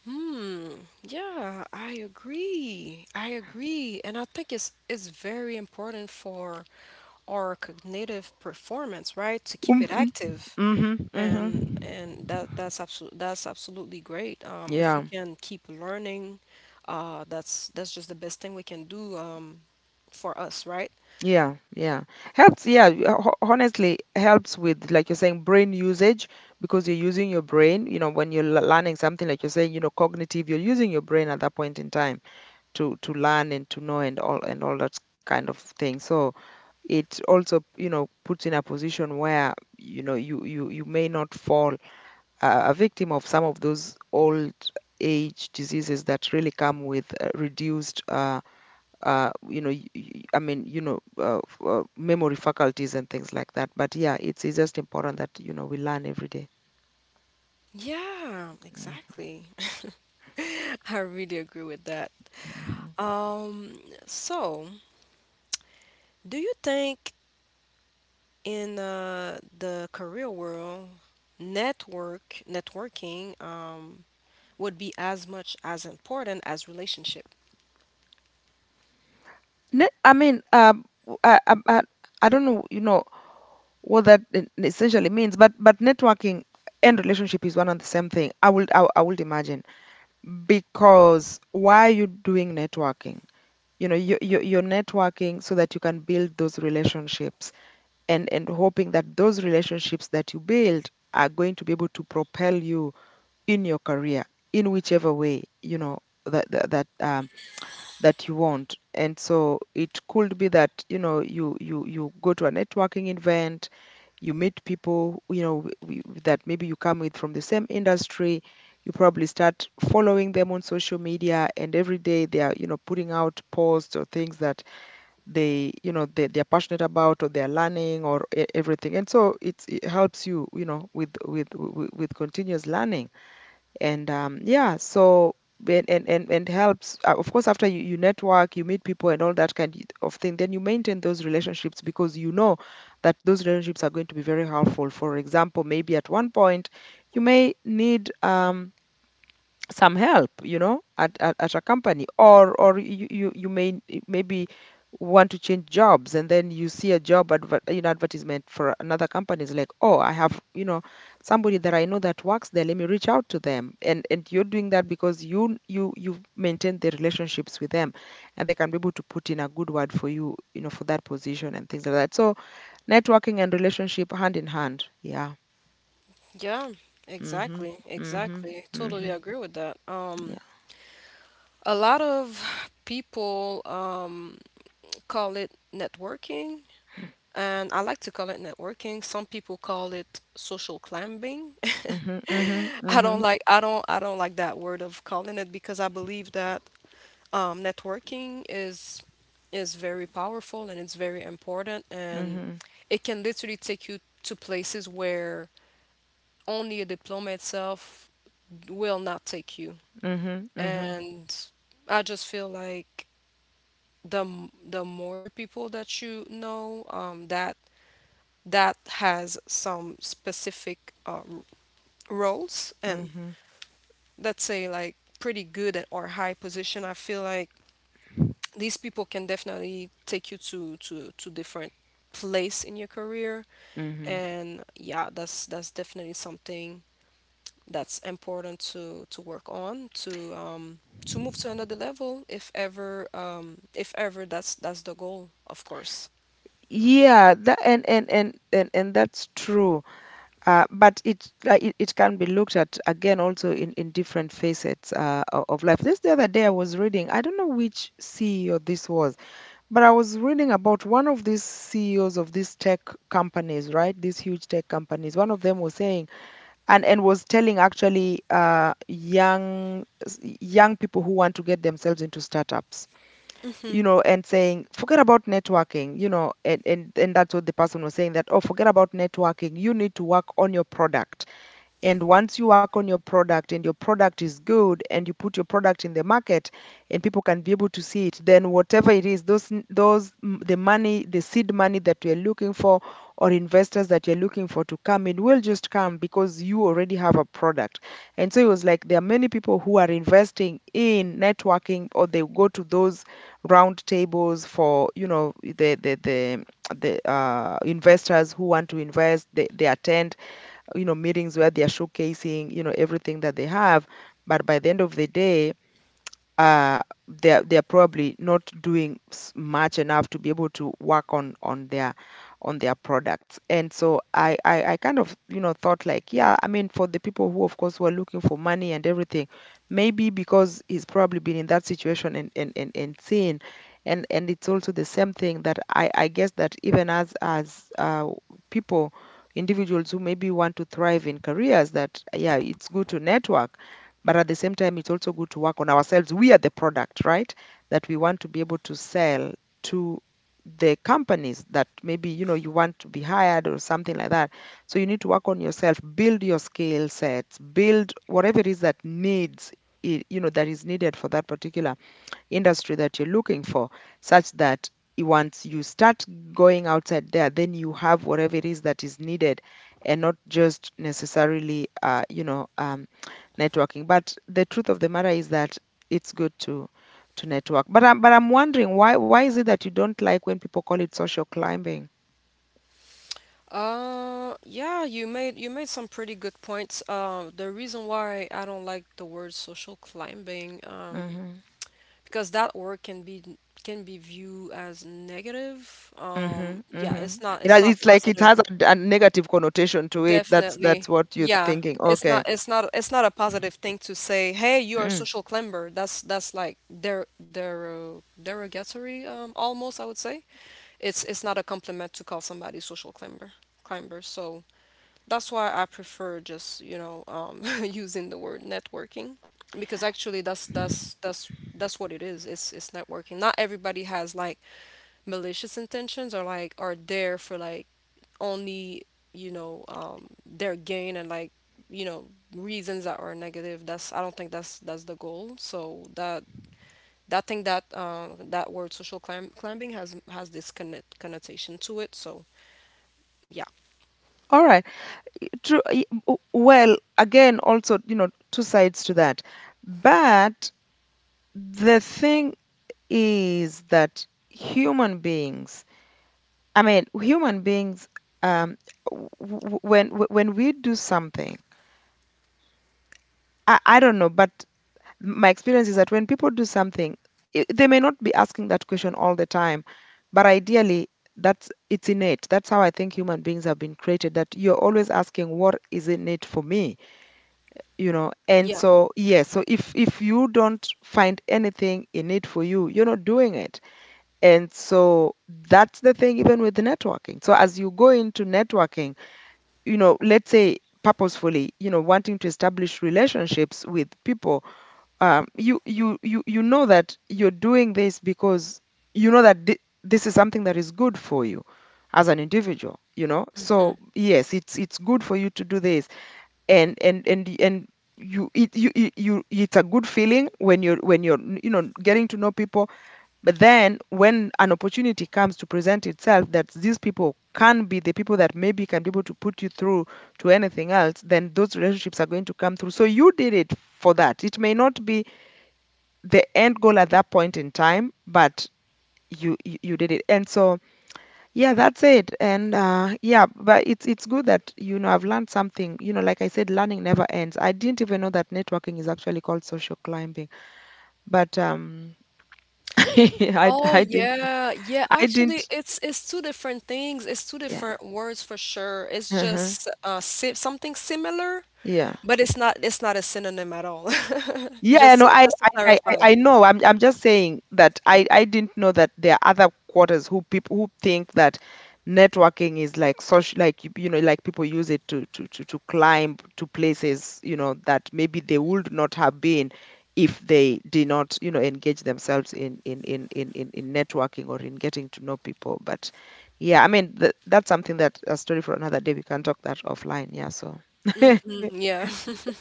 B: Hmm. Yeah, I agree. I agree, and I think it's it's very important for our cognitive performance, right? To keep it
A: Mm-hmm.
B: active,
A: Mm-hmm, mm-hmm.
B: and and that that's absolutely that's absolutely great. Um, if we
A: Yeah.
B: can keep learning, uh, that's that's just the best thing we can do. Um, for us, right?
A: Yeah, yeah, helps, yeah, y- ho- honestly helps with, like you're saying, brain usage, because you're using your brain, you know, when you're, l- learning something, like you're saying, you know, cognitive, you're using your brain at that point in time to to learn and to know, and all and all that kind of thing. So it also you know puts in a position where you know you you you may not fall uh, a victim of some of those old age diseases that really come with uh, reduced uh, uh, you know y- y- I mean you know uh, f- uh, memory faculties and things like that. But yeah, it's, it's just important that you know we learn every day.
B: Yeah,
A: Mm,
B: exactly. *laughs* I really agree with that.
A: mhm.
B: Um, so do you think in uh, the career world, network networking um, would be as much as important as relationship.
A: Ne- I mean, um, w- I, I, I I don't know, you know, what that e- essentially means, but but networking and relationship is one and the same thing, i would i, I would imagine, because why are you doing networking? You know you, you, you're networking so that you can build those relationships, and and hoping that those relationships that you build are going to be able to propel you in your career in whichever way, you know that that that, um, that you want. And so it could be that you know you you you go to a networking event, you meet people, you know w- w- that maybe you come with from the same industry. You probably start following them on social media, and every day they are, you know putting out posts or things that they you know they, they're passionate about or they're learning or e- everything. And so it's, it helps you, you know with with with, with continuous learning. And um, yeah, so and and and, and, helps, uh, of course, after you, you network, you meet people and all that kind of thing, then you maintain those relationships, because you know that those relationships are going to be very helpful. For example, maybe at one point you may need um, some help, you know at, at, at a company. Or or you you, you may maybe want to change jobs, and then you see a job adver- you know, advertisement for another company. It's like, oh, I have, you know somebody that I know that works there, let me reach out to them. And and you're doing that because you you you've maintained the relationships with them, and they can be able to put in a good word for you, you know for that position and things like that. So, networking and relationship, hand in hand. Yeah.
B: Yeah,
A: Mhm.
B: exactly,
A: Mhm.
B: exactly. Totally
A: Mhm.
B: agree with that. Um,
A: Yeah.
B: a lot of people um, call it networking, and I like to call it networking. Some people call it social climbing. *laughs*
A: Mm-hmm, mm-hmm,
B: I don't
A: mm-hmm.
B: like I don't I don't like that word of calling it, because I believe that um, networking is is very powerful and it's very important, and
A: Mhm.
B: it can literally take you to places where only a diploma itself will not take you,
A: Mhm. Mhm.
B: and I just feel like the m- the more people that you know, um, that that has some specific uh, r- roles and,
A: Mhm.
B: let's say, like, pretty good at- or high position, I feel like these people can definitely take you to to to different place in your career.
A: Mm-hmm.
B: And yeah, that's that's definitely something that's important to to work on, to um to move to another level, if ever, um if ever that's that's the goal, of course.
A: Yeah, that and and and and, and, that's true. Uh, but it, like, it it can be looked at again also in in different facets uh, o- of life. This the other day I was reading. I don't know which C E O this was, but I was reading about one of these C E Os of these tech companies, right? These huge tech companies. One of them was saying, and and was telling, actually, uh, young s- young people who want to get themselves into startups, you know, and saying, forget about networking, you know. And, and, and that's what the person was saying, that, oh, forget about networking. You need to work on your product. And once you work on your product and your product is good and you put your product in the market and people can be able to see it, then whatever it is, those those mm, the money, the seed money that you're looking for, or investors that you're looking for to come in, will just come because you already have a product. And so it was like there are many people who are investing in networking, or they go to those round tables for, you know, the the the the uh, investors who want to invest. They, they attend, you know, meetings where they are showcasing, you know, everything that they have, but by the end of the day, uh, they're they're probably not doing s- much enough to be able to work on on their on their products. And so I, I I kind of, you know, thought, like, yeah, I mean, for the people who of course were looking for money and everything, maybe because he's probably been in that situation and and and, and seen. And, and, it's also the same thing that I, I guess, that even as as uh, people, individuals, who maybe want to thrive in careers, that yeah, it's good to network, but at the same time, it's also good to work on ourselves. We are the product, right? That we want to be able to sell to the companies that maybe, you know, you want to be hired or something like that. So you need to work on yourself, build your skill sets, build whatever it is that needs I- you know that is needed for that particular industry that you're looking for, such that i- once you start going outside there, then you have whatever it is that is needed, and not just necessarily uh, you know um, networking. But the truth of the matter is that it's good to to network. But I'm but I'm wondering, why why is it that you don't like when people call it social climbing?
B: Uh yeah, you made you made some pretty good points. Uh the reason why I don't like the word social climbing, um
A: Mm-hmm.
B: because that word can be, can be viewed as negative. Um,
A: Mm-hmm.
B: yeah,
A: Mm-hmm.
B: it's not
A: It
B: it's
A: has,
B: not
A: it's like it
B: positive.
A: has a a negative connotation to it. That's that's
B: Definitely.
A: what you're
B: Yeah,
A: thinking.
B: it's
A: Okay.
B: not it's not it's not a positive thing to say, "Hey, you are a
A: Mm.
B: social climber." That's that's like der der derogatory, um almost, I would say. It's it's not a compliment to call somebody social climber climber. So that's why I prefer just, you know, um, *laughs* using the word networking, because actually that's that's that's that's what it is. It's it's networking. Not everybody has like malicious intentions, or like are there for like only, you know, um, their gain, and like, you know, reasons that are negative. That's, I don't think that's that's the goal. So that that thing, that uh, that word social climb, climbing has has this connet- connotation to it. So yeah.
A: All right. True. y- w- Well, again, also, you know, two sides to that. But the thing is that human beings, I mean, human beings, um, w- w- when w- when we do something, I, I don't know, but my experience is that when people do something, I they may not be asking that question all the time, but ideally, that's it's innate. That's how I think human beings have been created. That you're always asking, what is innate for me? You know, and so yes, so if if you don't find anything innate for you, you're not doing it. And so that's the thing, even with networking. So as you go into networking, you know, let's say purposefully, you know, wanting to establish relationships with people, um, you you you you know that you're doing this because you know that thi- this is something that is good for you as an individual. You know, so yes, it's it's good for you to do this, and and and y- and you it you, you you it's a good feeling when you're when you're you know, getting to know people. But then when an opportunity comes to present itself, that these people can be the people that maybe can be able to put you through to anything else, then those relationships are going to come through. So you did it for that. It may not be the end goal at that point in time, but you you, you did it. And so yeah, that's it. And uh, yeah, but it's it's good that, you know, I've learned something. You know, like I said, learning never ends. I didn't even know that networking is actually called social climbing, but um, *laughs* I
B: Oh
A: I didn't.
B: yeah, yeah.
A: I
B: Actually,
A: didn't.
B: it's it's two different things. It's two
A: Yeah.
B: different words for sure. It's
A: Uh-huh.
B: just uh si something similar,
A: Yeah.
B: but it's not it's not a synonym at all. *laughs*
A: Yeah,
B: Just
A: no,
B: to-
A: I,
B: just to
A: I, I, I
B: clarify.
A: I know. I'm, I'm just saying that I, I didn't know that there are other quarters, who people who think that networking is like social, like, you, you know, like people use it to, to, to, to climb to places, you know, that maybe they would not have been if they did not, you know, engage themselves in in in in in, in networking or in getting to know people. But yeah, I mean, th that's something that, a story for another day. We can talk that offline. Yeah. So. *laughs*
B: Mm, yeah. *laughs*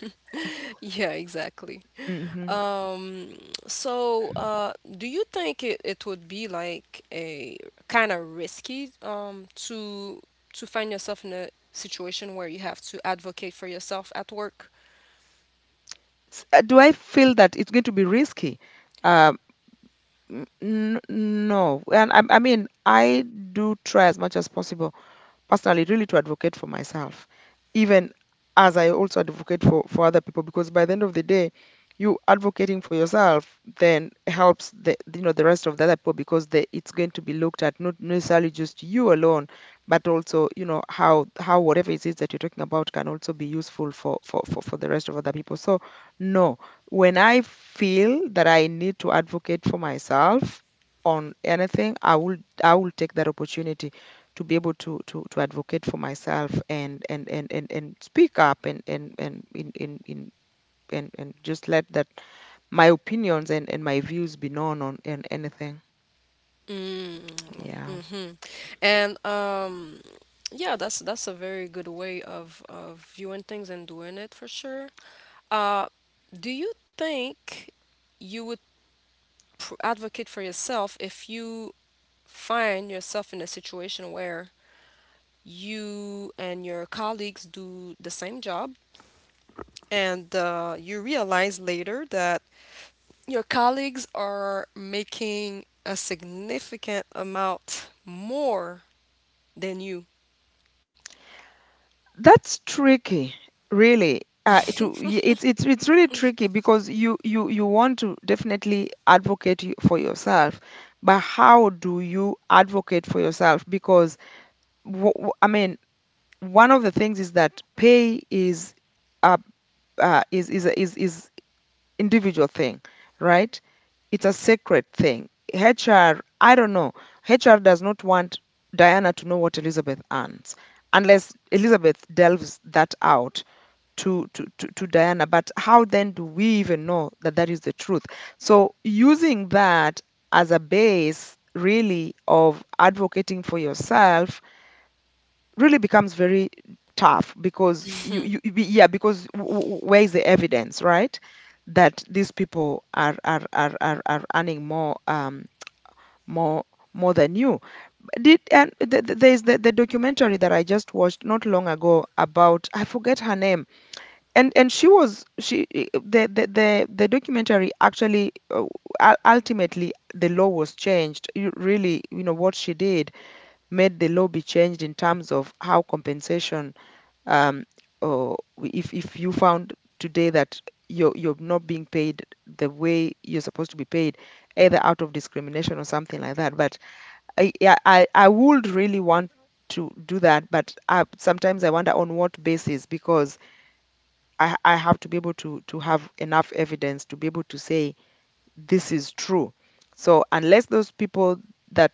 B: Yeah, exactly.
A: Hmm.
B: Um, so uh do you think it, it would be like a kind of risky um to to find yourself in a situation where you have to advocate for yourself at work?
A: S- uh, do I feel that it's going to be risky? Um, n- n- no, and I, I mean, I do try as much as possible, personally, really, to advocate for myself, even as I also advocate for, for other people, because by the end of the day, you advocating for yourself then helps, the you know the rest of the other people, because the, it's going to be looked at not necessarily just you alone, but also, you know, how how whatever it is that you're talking about can also be useful for for for, for the rest of other people. So no, when I feel that I need to advocate for myself on anything, I will, I will take that opportunity to be able to to to advocate for myself, and and and and, and speak up, and and and in in, in, and, and just let that my opinions and, and my views be known on and anything.
B: Mm.
A: Yeah.
B: Mm-hmm. And um, yeah, that's that's a very good way of of viewing things and doing it, for sure. Uh, do you think you would pr advocate for yourself if you find yourself in a situation where you and your colleagues do the same job, and uh, you realize later that your colleagues are making a significant amount more than you?
A: That's tricky, really, uh, to y- it's it's it's really tricky, because you you you want to definitely advocate y- for yourself, but how do you advocate for yourself, because, w- w- I mean, one of the things is that pay is uh, uh, is is is is individual thing, right? It's a sacred thing. H R, I don't know. H R does not want Diana to know what Elizabeth earns, unless Elizabeth delves that out to, to, to, to Diana. But how then do we even know that that is the truth? So, using that as a base really of advocating for yourself really becomes very tough because you, you you be- yeah because w- w- where is the evidence, right, that these people are are are are, are earning more um more more than you did. And th- th- there's the, the documentary that I just watched not long ago about, I forget her name, and and she was, she I- the the the, the documentary actually, uh, ul- ultimately the law was changed. You really, you know what she did, made the law be changed in terms of how compensation, um, or if if you found today that you're you're not being paid the way you're supposed to be paid, either out of discrimination or something like that. But I yeah, I I would really want to do that, but I, sometimes I wonder on what basis, because I I have to be able to to have enough evidence to be able to say this is true. So unless those people that,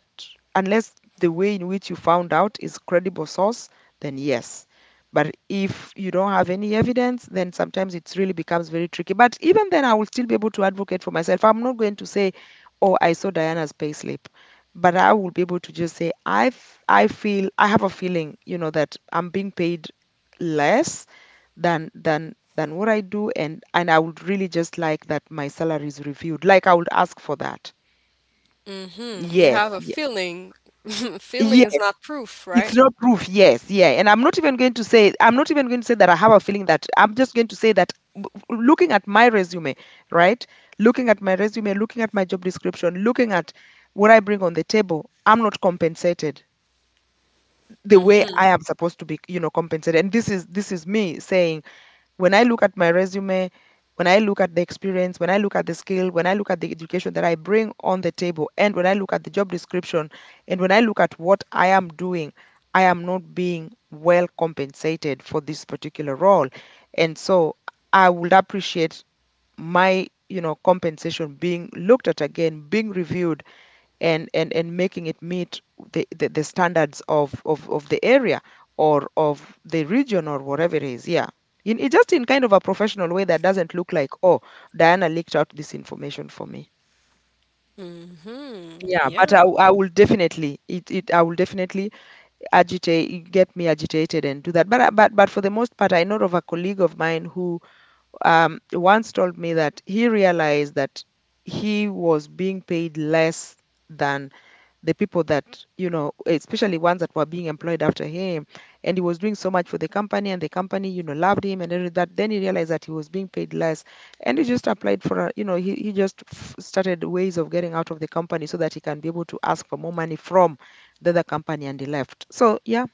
A: unless the way in which you found out is credible source, then yes. But if you don't have any evidence, then sometimes it really becomes very tricky. But even then, I will still be able to advocate for myself. I'm not going to say, "Oh, I saw Diana's payslip," but I will be able to just say, "I f- I feel, I have a feeling, you know, that I'm being paid less than than than what I do, and and I would really just like that my salary is reviewed." Like I would ask for that.
B: Mm-hmm. You
A: Yes.
B: have a
A: Yeah.
B: feeling. *laughs* Feeling
A: Yeah,
B: is not proof,
A: it's
B: right?
A: not proof. Yes, yeah. And I'm not even going to say I'm not even going to say that I have a feeling. That I'm just going to say that, w- w- looking at my resume, right? Looking at my resume, looking at my job description, looking at what I bring on the table, I'm not compensated the way I am supposed to be, you know, compensated. And this is this is me saying, when I look at my resume, when I look at the experience, when I look at the skill, when I look at the education that I bring on the table, and when I look at the job description, and when I look at what I am doing, I am not being well compensated for this particular role. And so I would appreciate my, you know, compensation being looked at again, being reviewed, and and and making it meet the the, the standards of, of of the area or of the region, or whatever it is, yeah, in, it, just in kind of a professional way that doesn't look like, oh, Diana leaked out this information for me.
B: Mm-hmm.
A: Yeah, but i,
B: Yeah.
A: w- I will definitely, it, it I will definitely agitate, get me agitated and do that. But I- but but for the most part, I know of a colleague of mine who, um, once told me that he realized that he was being paid less than the people that, you know, especially ones that were being employed after him. And he was doing so much for the company, and the company, you know, loved him and everything that. Then he realized that he was being paid less. And he just applied for, a, you know, he, he just f- started ways of getting out of the company so that he can be able to ask for more money from the other company, and he left. So, yeah,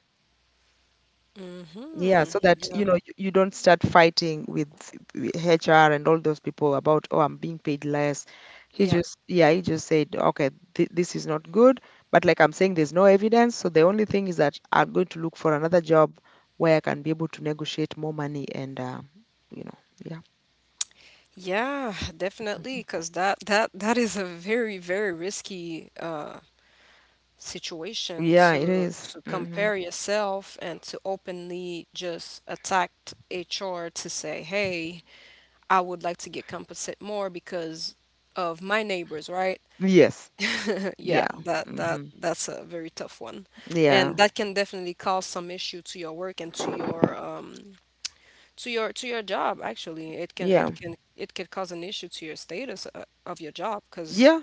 A: yeah,
B: Mm-hmm.
A: so that,
B: Yeah.
A: you know, you, you don't start fighting with w- H R and all those people about, oh, I'm being paid less. He
B: Yeah.
A: just, yeah, he just said, okay, th this is not good, but like I'm saying, there's no evidence, so the only thing is that I'm going to look for another job where I can be able to negotiate more money, and uh, you know, yeah.
B: Yeah, definitely, because that that that is a very, very risky uh situation
A: Yeah, it
B: to
A: is.
B: to
A: Mm-hmm.
B: compare yourself and to openly just attack H R to say, "Hey, I would like to get compensated more because of my neighbors, right?
A: Yes.
B: Yeah,
A: Yeah.
B: that that
A: Mm-hmm.
B: that's a very tough one.
A: Yeah.
B: And that can definitely cause some issue to your work and to your um to your to your job, actually. It can
A: Yeah.
B: it can it could cause an issue to your status, uh, of your job, because
A: Yeah.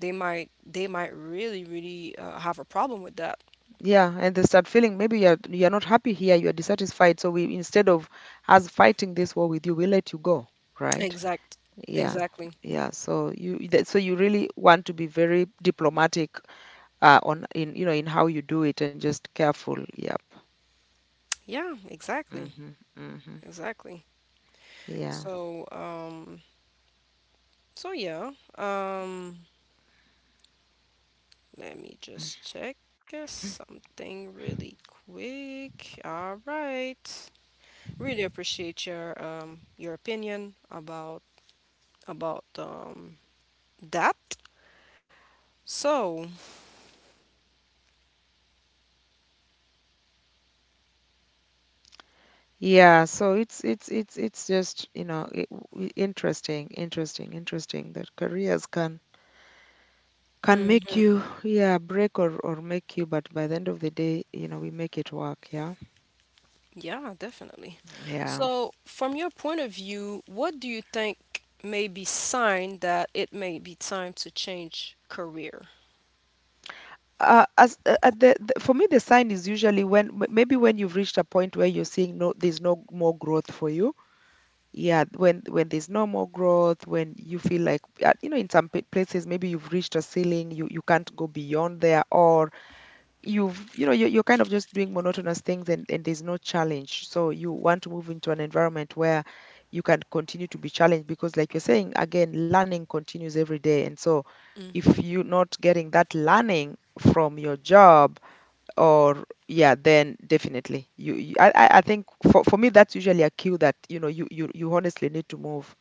B: they might they might really, really uh, have a problem with that.
A: Yeah, and they start feeling maybe you're you're not happy here, you're dissatisfied. So we, instead of us fighting this war with you, we let you go, right?
B: Exact.
A: Yeah,
B: Exactly.
A: yeah. So you that, so you really want to be very diplomatic, uh, on, in, you know, in how you do it, and just careful. Yep.
B: Yeah, exactly.
A: Mm-hmm, mm-hmm.
B: Exactly.
A: Yeah.
B: So um so yeah. Um Let me just check uh, something really quick. All right. Really appreciate your um your opinion about about um that. So,
A: Yeah, so it's it's it's it's just, you know, it, w- interesting, interesting, interesting that careers can can make
B: mm,
A: you, yeah, break or or make you, but by the end of the day, you know, we make it work. Yeah,
B: yeah, definitely.
A: yeah.
B: So, from your point of view, what do you think may be sign that it may be time to change career?
A: uh, as uh, at the, the for me, the sign is usually when, m- maybe when you've reached a point where you're seeing, no, there's no more growth for you. Yeah, when when there's no more growth, when you feel like, uh, you know, in some pa- places maybe you've reached a ceiling, you you can't go beyond there, or you've, you know, you're, you're kind of just doing monotonous things, and, and there's no challenge, so you want to move into an environment where you can continue to be challenged, because like you're saying, again, learning continues every day. And so
B: Mhm.
A: if you're not getting that learning from your job, or yeah, then definitely, you, you I, I I think for, for me that's usually a cue that, you know, you, you you honestly need to move.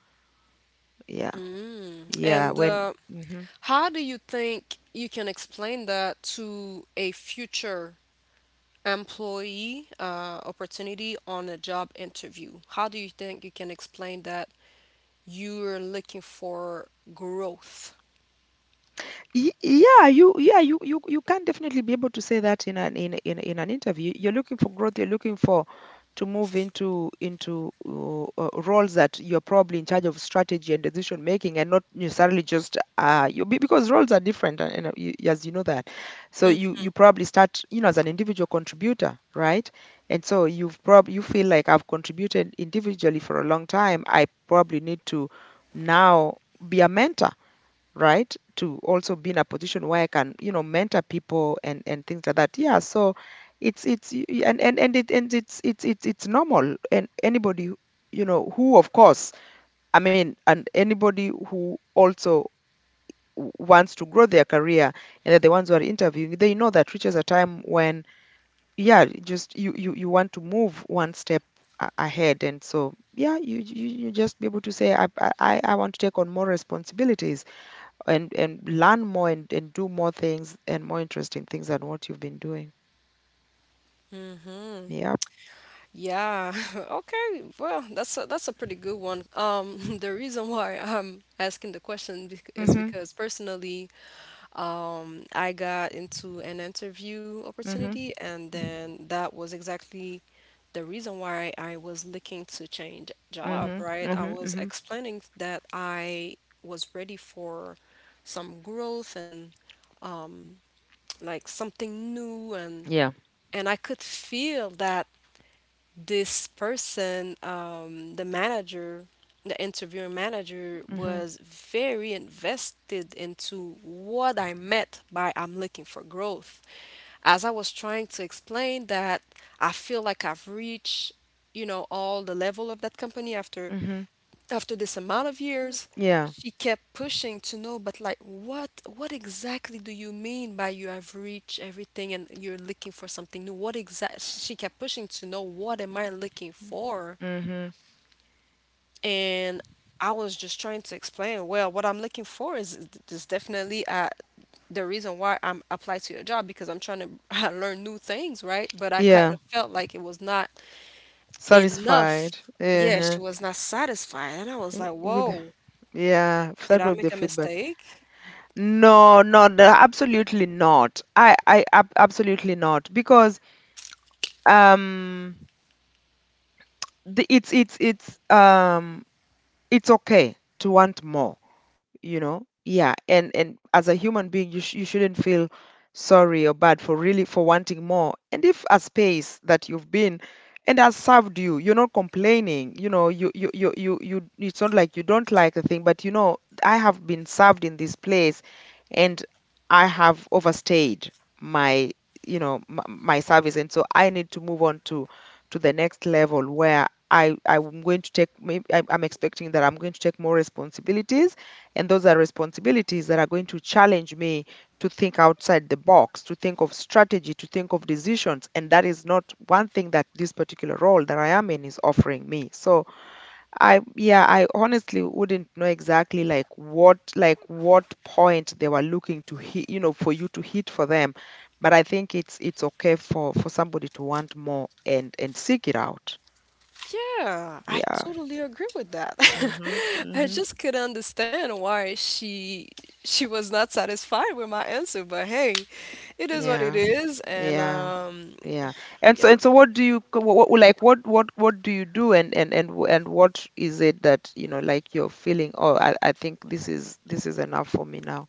A: Yeah,
B: Mm.
A: yeah,
B: And
A: when.
B: uh,
A: Mhm.
B: how do you think you can explain that to a future employee uh, opportunity on a job interview? How do you think you can explain that you're looking for growth?
A: Y- yeah you yeah you, you, you can definitely be able to say that in an in, in, in an interview, you're looking for growth, you're looking for, to move into into, uh, uh, roles that you're probably in charge of strategy and decision making, and not necessarily just, uh, you, be- because roles are different, and, and uh, you, as you know that. So you you probably start, you know, as an individual contributor, right? And so you've probably, you feel like, I've contributed individually for a long time, I probably need to now be a mentor, right? To also be in a position where I can, you know, mentor people and and things like that. Yeah, so it's it's y- y- and and and it and it's it's it's it's normal, and anybody who, you know who, of course, I mean, and anybody who also, w- wants to grow their career, and that, the ones who are interviewing, they know that reaches a time when, yeah, just, you you, you want to move one step a- ahead. And so yeah, you, you you just be able to say, I, I i I want to take on more responsibilities, and and learn more, and, and do more things, and more interesting things than what you've been doing.
B: Mm-hmm.
A: Yeah.
B: Yeah. *laughs* Okay. Well, that's a, that's a pretty good one. Um, *laughs* the reason why I'm asking the question, bec- is
A: Mhm.
B: because, personally, Um, I got into an interview
A: Mhm.
B: opportunity, and
A: Mhm.
B: then that was exactly the reason why I was looking to change job,
A: Mhm.
B: right? I
A: Mhm.
B: was
A: Mhm.
B: explaining that I was ready for some growth and um, like something new, and
A: Yeah.
B: and I could feel that this person, um, the manager, the interviewing manager,
A: Mhm.
B: was very invested into what I meant by "I'm looking for growth." As I was trying to explain that I feel like I've reached, you know, all the level of that company after
A: Mhm.
B: after this amount of years,
A: Yeah.
B: she kept pushing to know, but, like, what what exactly do you mean by "you have reached everything and you're looking for something new"? What exact? She kept pushing to know what am I looking for?
A: Mhm.
B: And I was just trying to explain, well, what I'm looking for is is definitely, uh, the reason why I'm applied to your job, because I'm trying to *laughs* learn new things, right? But I kind
A: Yeah.
B: of felt like it was not
A: Satisfied.
B: enough. Yeah, she
A: Uh-huh.
B: was not satisfied, and I was like,
A: With,
B: whoa.
A: yeah,
B: Did
A: start
B: I
A: with the
B: make a
A: feedback.
B: mistake?
A: No, no, no, absolutely not. I, I, ab- absolutely not. Because, um, the, it's, it's, it's, um, it's okay to want more, you know. Yeah, and and as a human being, you, sh- you shouldn't feel sorry or bad for really, for wanting more. And if a space that you've been and has served you, you're not complaining, you know, you you you you, you, it's not like you don't like a thing, but you know, I have been served in this place, and I have overstayed my, you know, my, my service. And so I need to move on to to the next level where I, I'm going to take, maybe I'm I'm expecting that I'm going to take more responsibilities, and those are responsibilities that are going to challenge me to think outside the box, to think of strategy, to think of decisions. And that is not one thing that this particular role that I am in is offering me. So I, yeah, I honestly wouldn't know exactly like what, like what point they were looking to hit, you know, for you to hit for them. But I think it's it's okay for for somebody to want more and and seek it out.
B: Yeah, I
A: Yeah.
B: totally agree with that.
A: Mhm.
B: *laughs* I
A: Mhm.
B: just couldn't understand why she she was not satisfied with my answer, but, hey, it is what it
A: Yeah.
B: is, and
A: Yeah.
B: um,
A: Yeah. And
B: yeah.
A: so, and so what do you, co- what, what like what what what do you do? And and and w- and what is it that, you know, like you're feeling, oh, I I think this is this is enough for me now.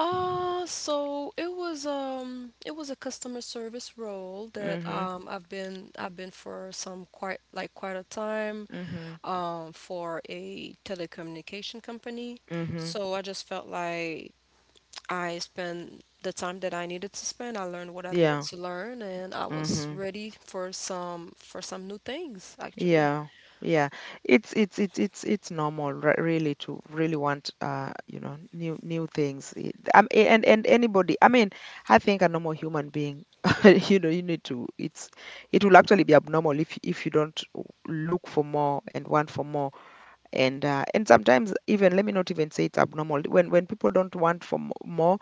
B: Uh, so it was um it was a customer service role that
A: Mhm.
B: um I've been I've been for some quite like quite a time,
A: Mhm.
B: um for a telecommunication company.
A: Mhm.
B: So I just felt like I spent the time that I needed to spend. I learned what I
A: Yeah.
B: needed to learn, and I was
A: Mhm.
B: ready for some for some new things, actually.
A: Yeah, yeah. It's it's it's it's it's normal, re- really, to really want, uh, you know, new, new things. I-, um, a- and and anybody, I mean, I think a normal human being, *laughs* you know, you need to. It's, it will actually be abnormal if if you don't look for more and want for more. And uh, and sometimes, even, let me not even say it's abnormal when when people don't want for mo- more.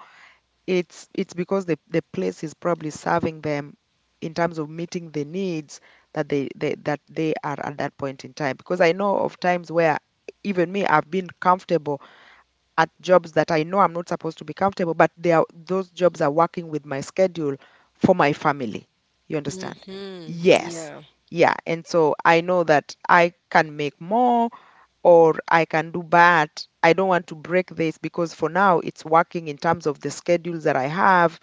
A: It's it's because the the place is probably serving them in terms of meeting the needs that they, they that they are at that point in time, because I know of times where even me, I've been comfortable at jobs that I know I'm not supposed to be comfortable, but they are those jobs are working with my schedule for my family. You understand?
B: Mm-hmm.
A: Yes,
B: Yeah.
A: yeah, and so I know that I can make more or I can do bad. I don't want to break this because for now it's working in terms of the schedules that I have,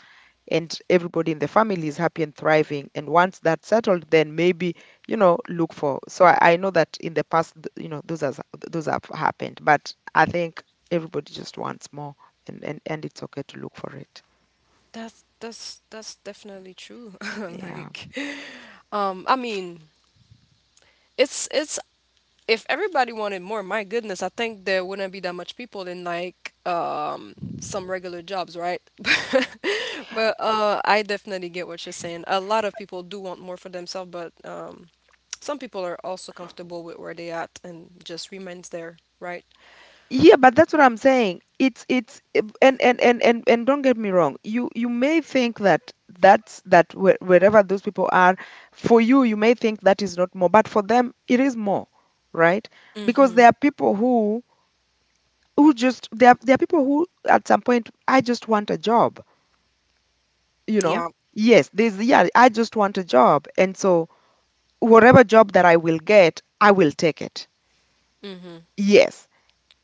A: and everybody in the family is happy and thriving. And once that's settled, then maybe, you know, look for. So I, I know that in the past, th- you know, those has those have happened, but I think everybody just wants more, and and and it's okay to look for it.
B: That's that's that's definitely true. *laughs*
A: Yeah.
B: Like, um, I mean, it's it's if everybody wanted more, my goodness, I think there wouldn't be that much people in like um some regular jobs, right? *laughs* But uh I definitely get what you're saying. A lot of people do want more for themselves, but um some people are also comfortable with where they at and just remains there, right?
A: Yeah, but that's what I'm saying. It's it's it- and and and and and don't get me wrong. You you may think that that's that where- wherever those people are, for you, you may think that is not more, but for them it is more, right? Because there are people who who just, there are, there are people who, at some point, I just want a job, you
B: Yeah.
A: know. Yes, there's, yeah, I just want a job, and so whatever job that I will get, I will take it. Yes,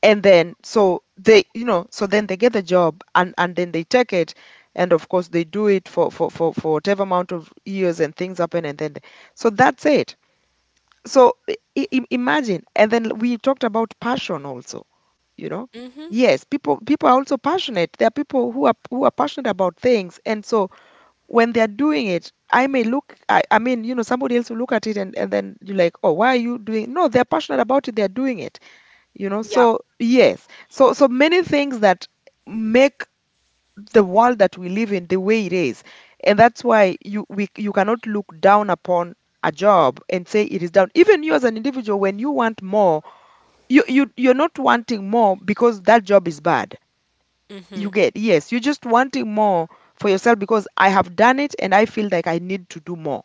A: and then, so they, you know, so then they get the job, and and then they take it, and of course they do it for for for for whatever amount of years, and things happen, and then they, so that's it. so i- i- Imagine. And then we talked about passion also, you know.
B: Mm-hmm.
A: Yes, people people are also passionate. There are people who are who are passionate about things, and so when they're doing it, I may look I, I mean, you know, somebody else will look at it and, and then you're like, oh, why are you doing? No, they're passionate about it, they're doing it, you know.
B: Yeah.
A: So yes, so so many things that make the world that we live in the way it is. And that's why you we, you cannot look down upon a job and say it is down. Even you, as an individual, when you want more, you, you you're not wanting more because that job is bad. You get? Yes, you're just wanting more for yourself because I have done it, and I feel like I need to do more.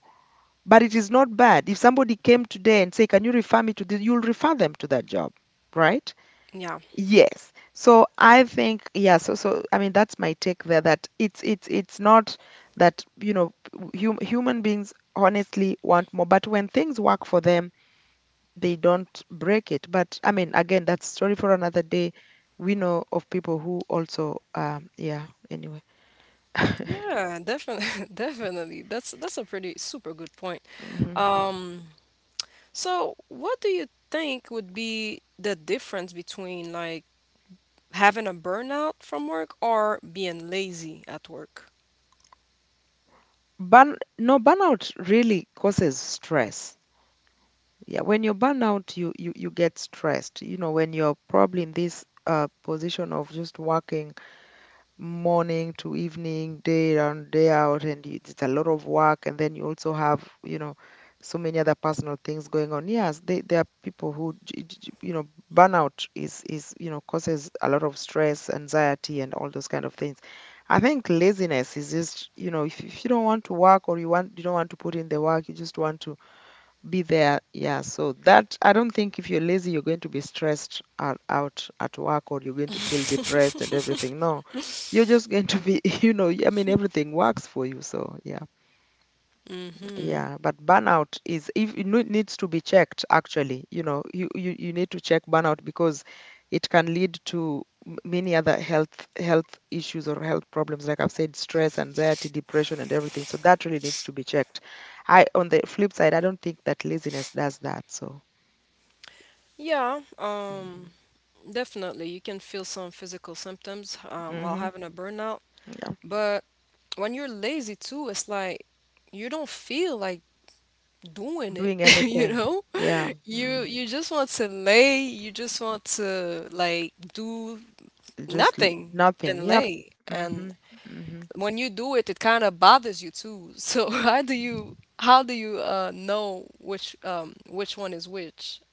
A: But it is not bad. If somebody came today and say, can you refer me to this, you'll refer them to that job, right?
B: Yeah.
A: Yes. So I think, yeah, so so I mean that's my take there, that it's it's it's not that, you know, hum, human beings honestly want more, but when things work for them, they don't break it. But I mean, again, that's story for another day. We know of people who also, um yeah, anyway. *laughs*
B: Yeah, definitely, *laughs* definitely. That's that's a pretty super good point.
A: Hmm.
B: Um, so what do you think would be the difference between, like, having a burnout from work or being lazy at work?
A: Burn no Burnout really causes stress. Yeah, when you're burned out, you you you get stressed. You know, when you're probably in this uh position of just working morning to evening, day on, day out, and you- it's a lot of work. And then you also have, you know, so many other personal things going on. Yes, they, there are people who, j- j- j- you know, burnout is, is, you know, causes a lot of stress, anxiety, and all those kind of things. I think laziness is just, you know, if, if you don't want to work, or you want, you don't want to put in the work, you just want to be there. Yeah. So that, I don't think if you're lazy, you're going to be stressed out, out at work, or you're going to feel depressed and everything. No, you're just going to be, *laughs* you know, I mean, everything works for you. So yeah.
B: Mm-hmm.
A: Yeah, but burnout, is if it need- needs to be checked actually. You know, you, you you need to check burnout because it can lead to m- many other health health issues or health problems, like I've said, stress, anxiety, depression, and everything. So that really needs to be checked. I, on the flip side, I don't think that laziness does that. So,
B: Yeah,
A: mm-hmm.
B: um, definitely. You can feel some physical symptoms, um, while
A: Mm-hmm.
B: having a burnout.
A: Yeah,
B: But when you're lazy too, it's like you don't feel like doing it,
A: doing
B: *laughs* you
A: anything.
B: know?
A: Yeah,
B: You
A: mm,
B: you just want to lay, you just want to like do
A: just l-
B: nothing
A: nothing.
B: and
A: Yep.
B: lay. And
A: Mm-hmm. Mm-hmm.
B: when you do it, it kind of bothers you too. So *laughs* how do you how do you uh, know which, um, which one is which,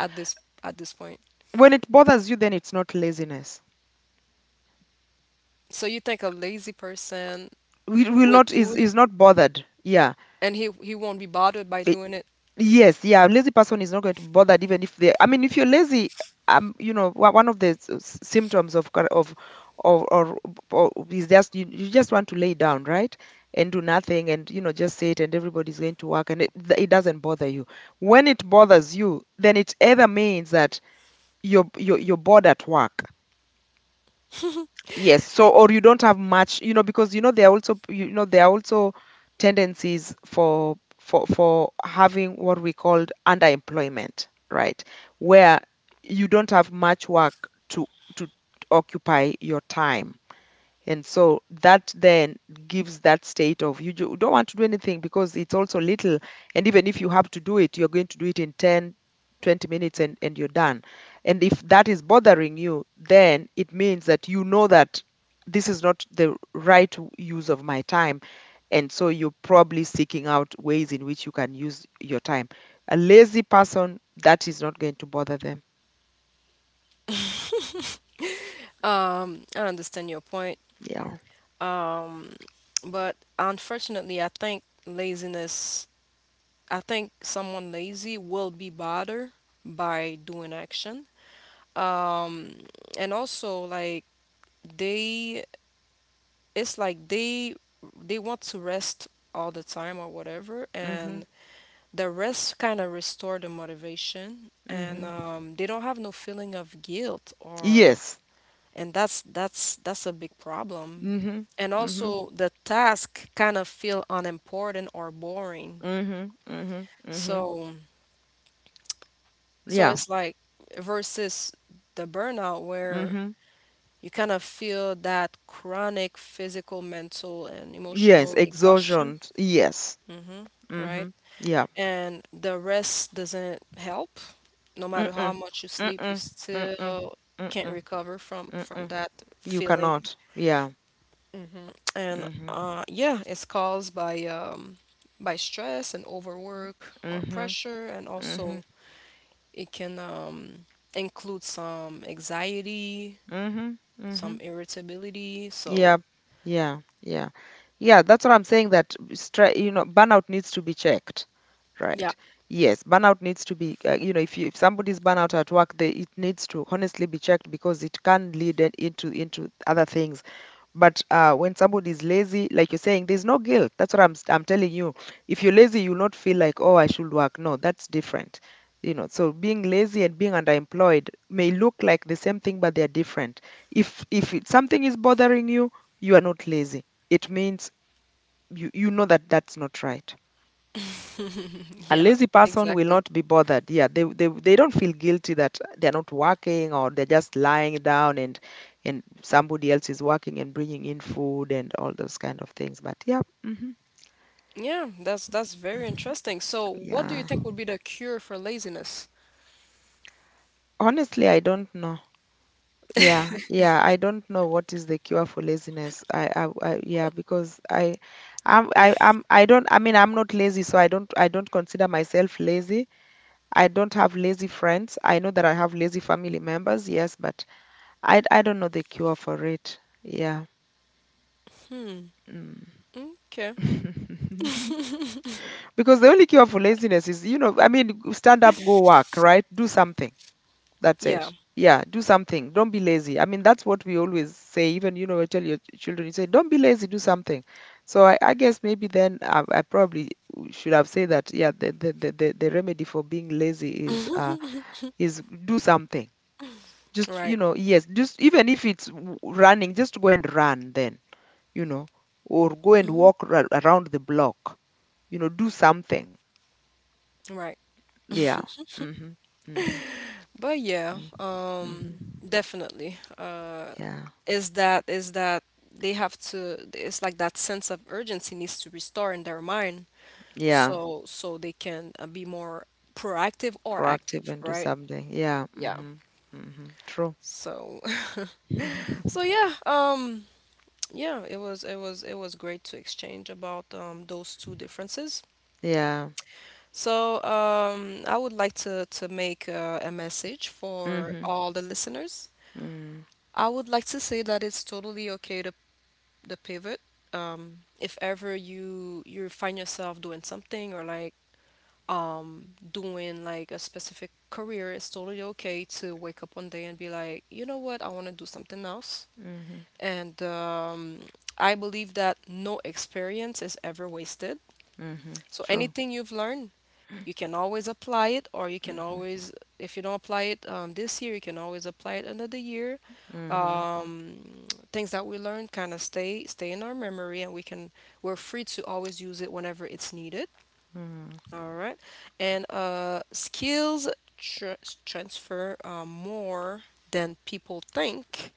B: at this at this point?
A: When it bothers you, then it's not laziness.
B: So you think a lazy person
A: We will not
B: would
A: is
B: do it
A: is not bothered. Yeah.
B: and he he won't be bothered by
A: I-
B: doing it?
A: Yes, yeah, a lazy person is not going to be bothered. Even if they, I mean, if you're lazy, um you know, one one of the s- s- symptoms of cor- of or, or, or is just, you, you just want to lay down, right, and do nothing, and you know, just sit, and everybody's going to work, and it, th- it doesn't bother you. When it bothers you, then it either means that you're you're, you're bored at work. Yes, so, or you don't have much, you know, because you know there are also, you know, there are also tendencies for for for having what we called underemployment, right, where you don't have much work to to occupy your time, and so that then gives that state of you, ju- don't want to do anything because it's also little. And even if you have to do it, you're going to do it in ten, twenty minutes, and, and you're done. And if that is bothering you, then it means that you know that this is not the right w- use of my time. And so you're probably seeking out ways in which you can use your time. A lazy person, that is not going to bother them.
B: I understand your point,
A: Yeah.
B: but, unfortunately, I think, laziness. I think someone lazy will be bothered by doing action. Um, and also, like, they it's like they they want to rest all the time, or whatever,
A: Hmm.
B: and the rest kind of restore the motivation, and
A: Hmm.
B: um, they don't have no feeling of guilt, or,
A: Yes.
B: and that's that's that's a big problem.
A: Hmm.
B: And
A: Hmm.
B: also the task kind of feel unimportant or boring.
A: Mhm. Mhm. Mhm.
B: So so
A: Yeah.
B: it's like, versus the burnout, where
A: Mhm.
B: you kind of feel that chronic physical, mental, and
A: Yes.
B: emotional exhaustion.
A: Exhaustion. Yes.
B: hmm Right?
A: Mhm. Yeah.
B: And the rest doesn't help. No matter
A: Mm-mm.
B: how much you sleep, you
A: Mm-mm. Mm-mm.
B: still can't
A: Mm-mm.
B: recover from from
A: Mm-mm.
B: that
A: You
B: feeling.
A: cannot. Yeah.
B: And
A: Mhm.
B: uh, yeah, it's caused by um, by stress and overwork, or
A: Mhm.
B: pressure, and also
A: Mhm.
B: it can, um, include some anxiety,
A: Mhm.
B: some
A: Mhm.
B: irritability.
A: Yeah,
B: So
A: yeah, yeah, yeah. That's what I'm saying. That stre- you know, burnout needs to be checked,
B: yeah,
A: right? Yes, burnout needs to be. Uh, you know, if you, if somebody's burnout at work, they, it needs to honestly be checked because it can lead it into into other things. But uh, when somebody is lazy, like you're saying, there's no guilt. That's what I'm s- I'm telling you. If you're lazy, you'll not feel like, oh, I should work. No, that's different. You know, so being lazy and being underemployed may look like the same thing, but they're different. If if it, something is bothering you, you are not lazy. It means you, you know that that's not right.
B: *laughs*
A: A
B: yeah,
A: lazy person will
B: exactly.
A: not be bothered. Yeah, they they, they don't feel guilty that they're not working, or they're just lying down, and and somebody else is working and bringing in food and all those kind of things. But yeah. Hmm.
B: Yeah, that's that's very interesting. So, what do you
A: Yeah,
B: think would be the cure for laziness?
A: honestly, I don't know. Yeah, yeah, I don't know what is the cure for laziness. I, I, I yeah, because I, I'm, I, I'm, I don't. I mean, I'm not lazy, so I don't, I don't consider myself lazy. I don't have lazy friends. I know that I have lazy family members, yes, but I, I don't know the cure for it. Yeah. Mm.
B: Mm, okay.
A: *laughs* Because the only cure for laziness is, you know, I mean, stand up, go work, right? Do something. That's
B: Yeah,
A: it. Yeah, do something. Don't be lazy. I mean, that's what we always say. Even, you know, I tell your ch- children, you say, don't be lazy, do something. So I, I guess maybe then I, I probably should have said that, yeah, the, the, the, the the remedy for being lazy is uh, is do something. Just,
B: right.
A: you know, yes, just, even if it's w- running, just go and run then, you know, or go and
B: Mhm.
A: walk ra- around the block, you know, do something.
B: Right.
A: Yeah. Mm-hmm. Mm-hmm.
B: But yeah,
A: Mm-hmm. Mm-hmm.
B: um, definitely.
A: Yeah.
B: Is that is that they have to, it's like that sense of urgency needs to restore in their mind,
A: Yeah.
B: so so they can, uh, be more proactive or
A: Proactive and
B: active,
A: do
B: right?
A: something. Yeah.
B: Yeah.
A: Mm-hmm. Mm-hmm. True.
B: So *laughs* so
A: *laughs*
B: yeah, um yeah, it was it was it was great to exchange about um those two differences.
A: Yeah.
B: So um I would like to to make uh, a message for
A: Mm-hmm.
B: all the listeners.
A: Mm-hmm.
B: I would like to say that it's totally okay to the pivot. Um, if ever you you find yourself doing something, or like um doing like a specific career, it's totally okay to wake up one day and be like, you know what, I want to do something else.
A: Mm-hmm.
B: And um, I believe that no experience is ever wasted.
A: Mm-hmm.
B: So
A: True.
B: anything you've learned, you can always apply it, or you can
A: Mm-hmm.
B: always, if you don't apply it um, this year, you can always apply it another year.
A: Mm-hmm.
B: Things that we learned kind of stay stay in our memory, and we can we're free to always use it whenever it's needed. All right. And uh skills tra- transfer, uh, more than people think.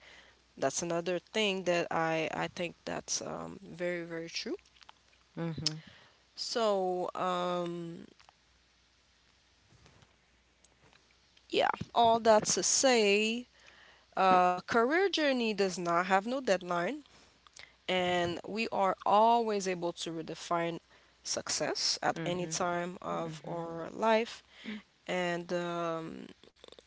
B: That's another thing that i i think, that's um, very, very true.
A: Mm-hmm.
B: So, uh, yeah, all that to say, uh, career journey does not have no deadline, and we are always able to redefine success at
A: Mm-hmm.
B: any
A: Mm-hmm.
B: time of our life. And um,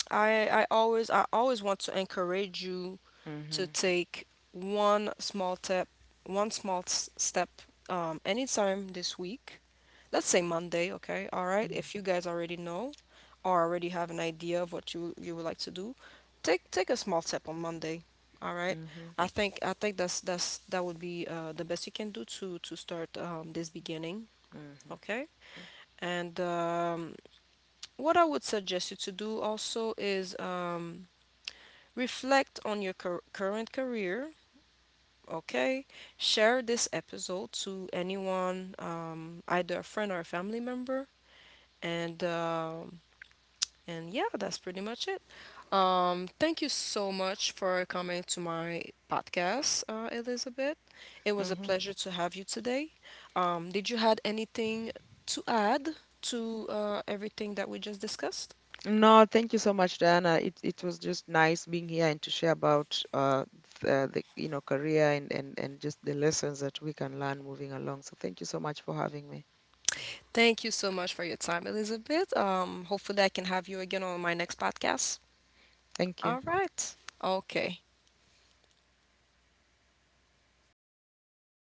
B: I I always I always want to encourage you
A: Mm-hmm.
B: to take one small step one small s- step um, anytime this week. Let's say Monday, okay? All right. If you guys already know, or already have an idea of what you you would like to do, take take a small step on Monday. All right.
A: Mm-hmm.
B: I think I think that's that's that would be, uh, the best you can do to to start, um, this beginning,
A: Mm-hmm.
B: okay? And um, what I would suggest you to do also is, um, reflect on your cur- current career, okay? Share this episode to anyone, um, either a friend or a family member, and um, and yeah, that's pretty much it. Um, thank you so much for coming to my podcast, uh, Elizabeth. It was a
A: Mm-hmm.
B: pleasure to have you today. Um, did you had anything to add to, uh, everything that we just discussed?
A: No, thank you so much, Diana. It it was just nice being here and to share about uh the, the you know, career and, and and just the lessons that we can learn moving along. So thank you so much for having me.
B: Thank you so much for your time, Elizabeth. Um, hopefully, I can have you again on my next podcast.
A: Thank you.
B: All right. Okay.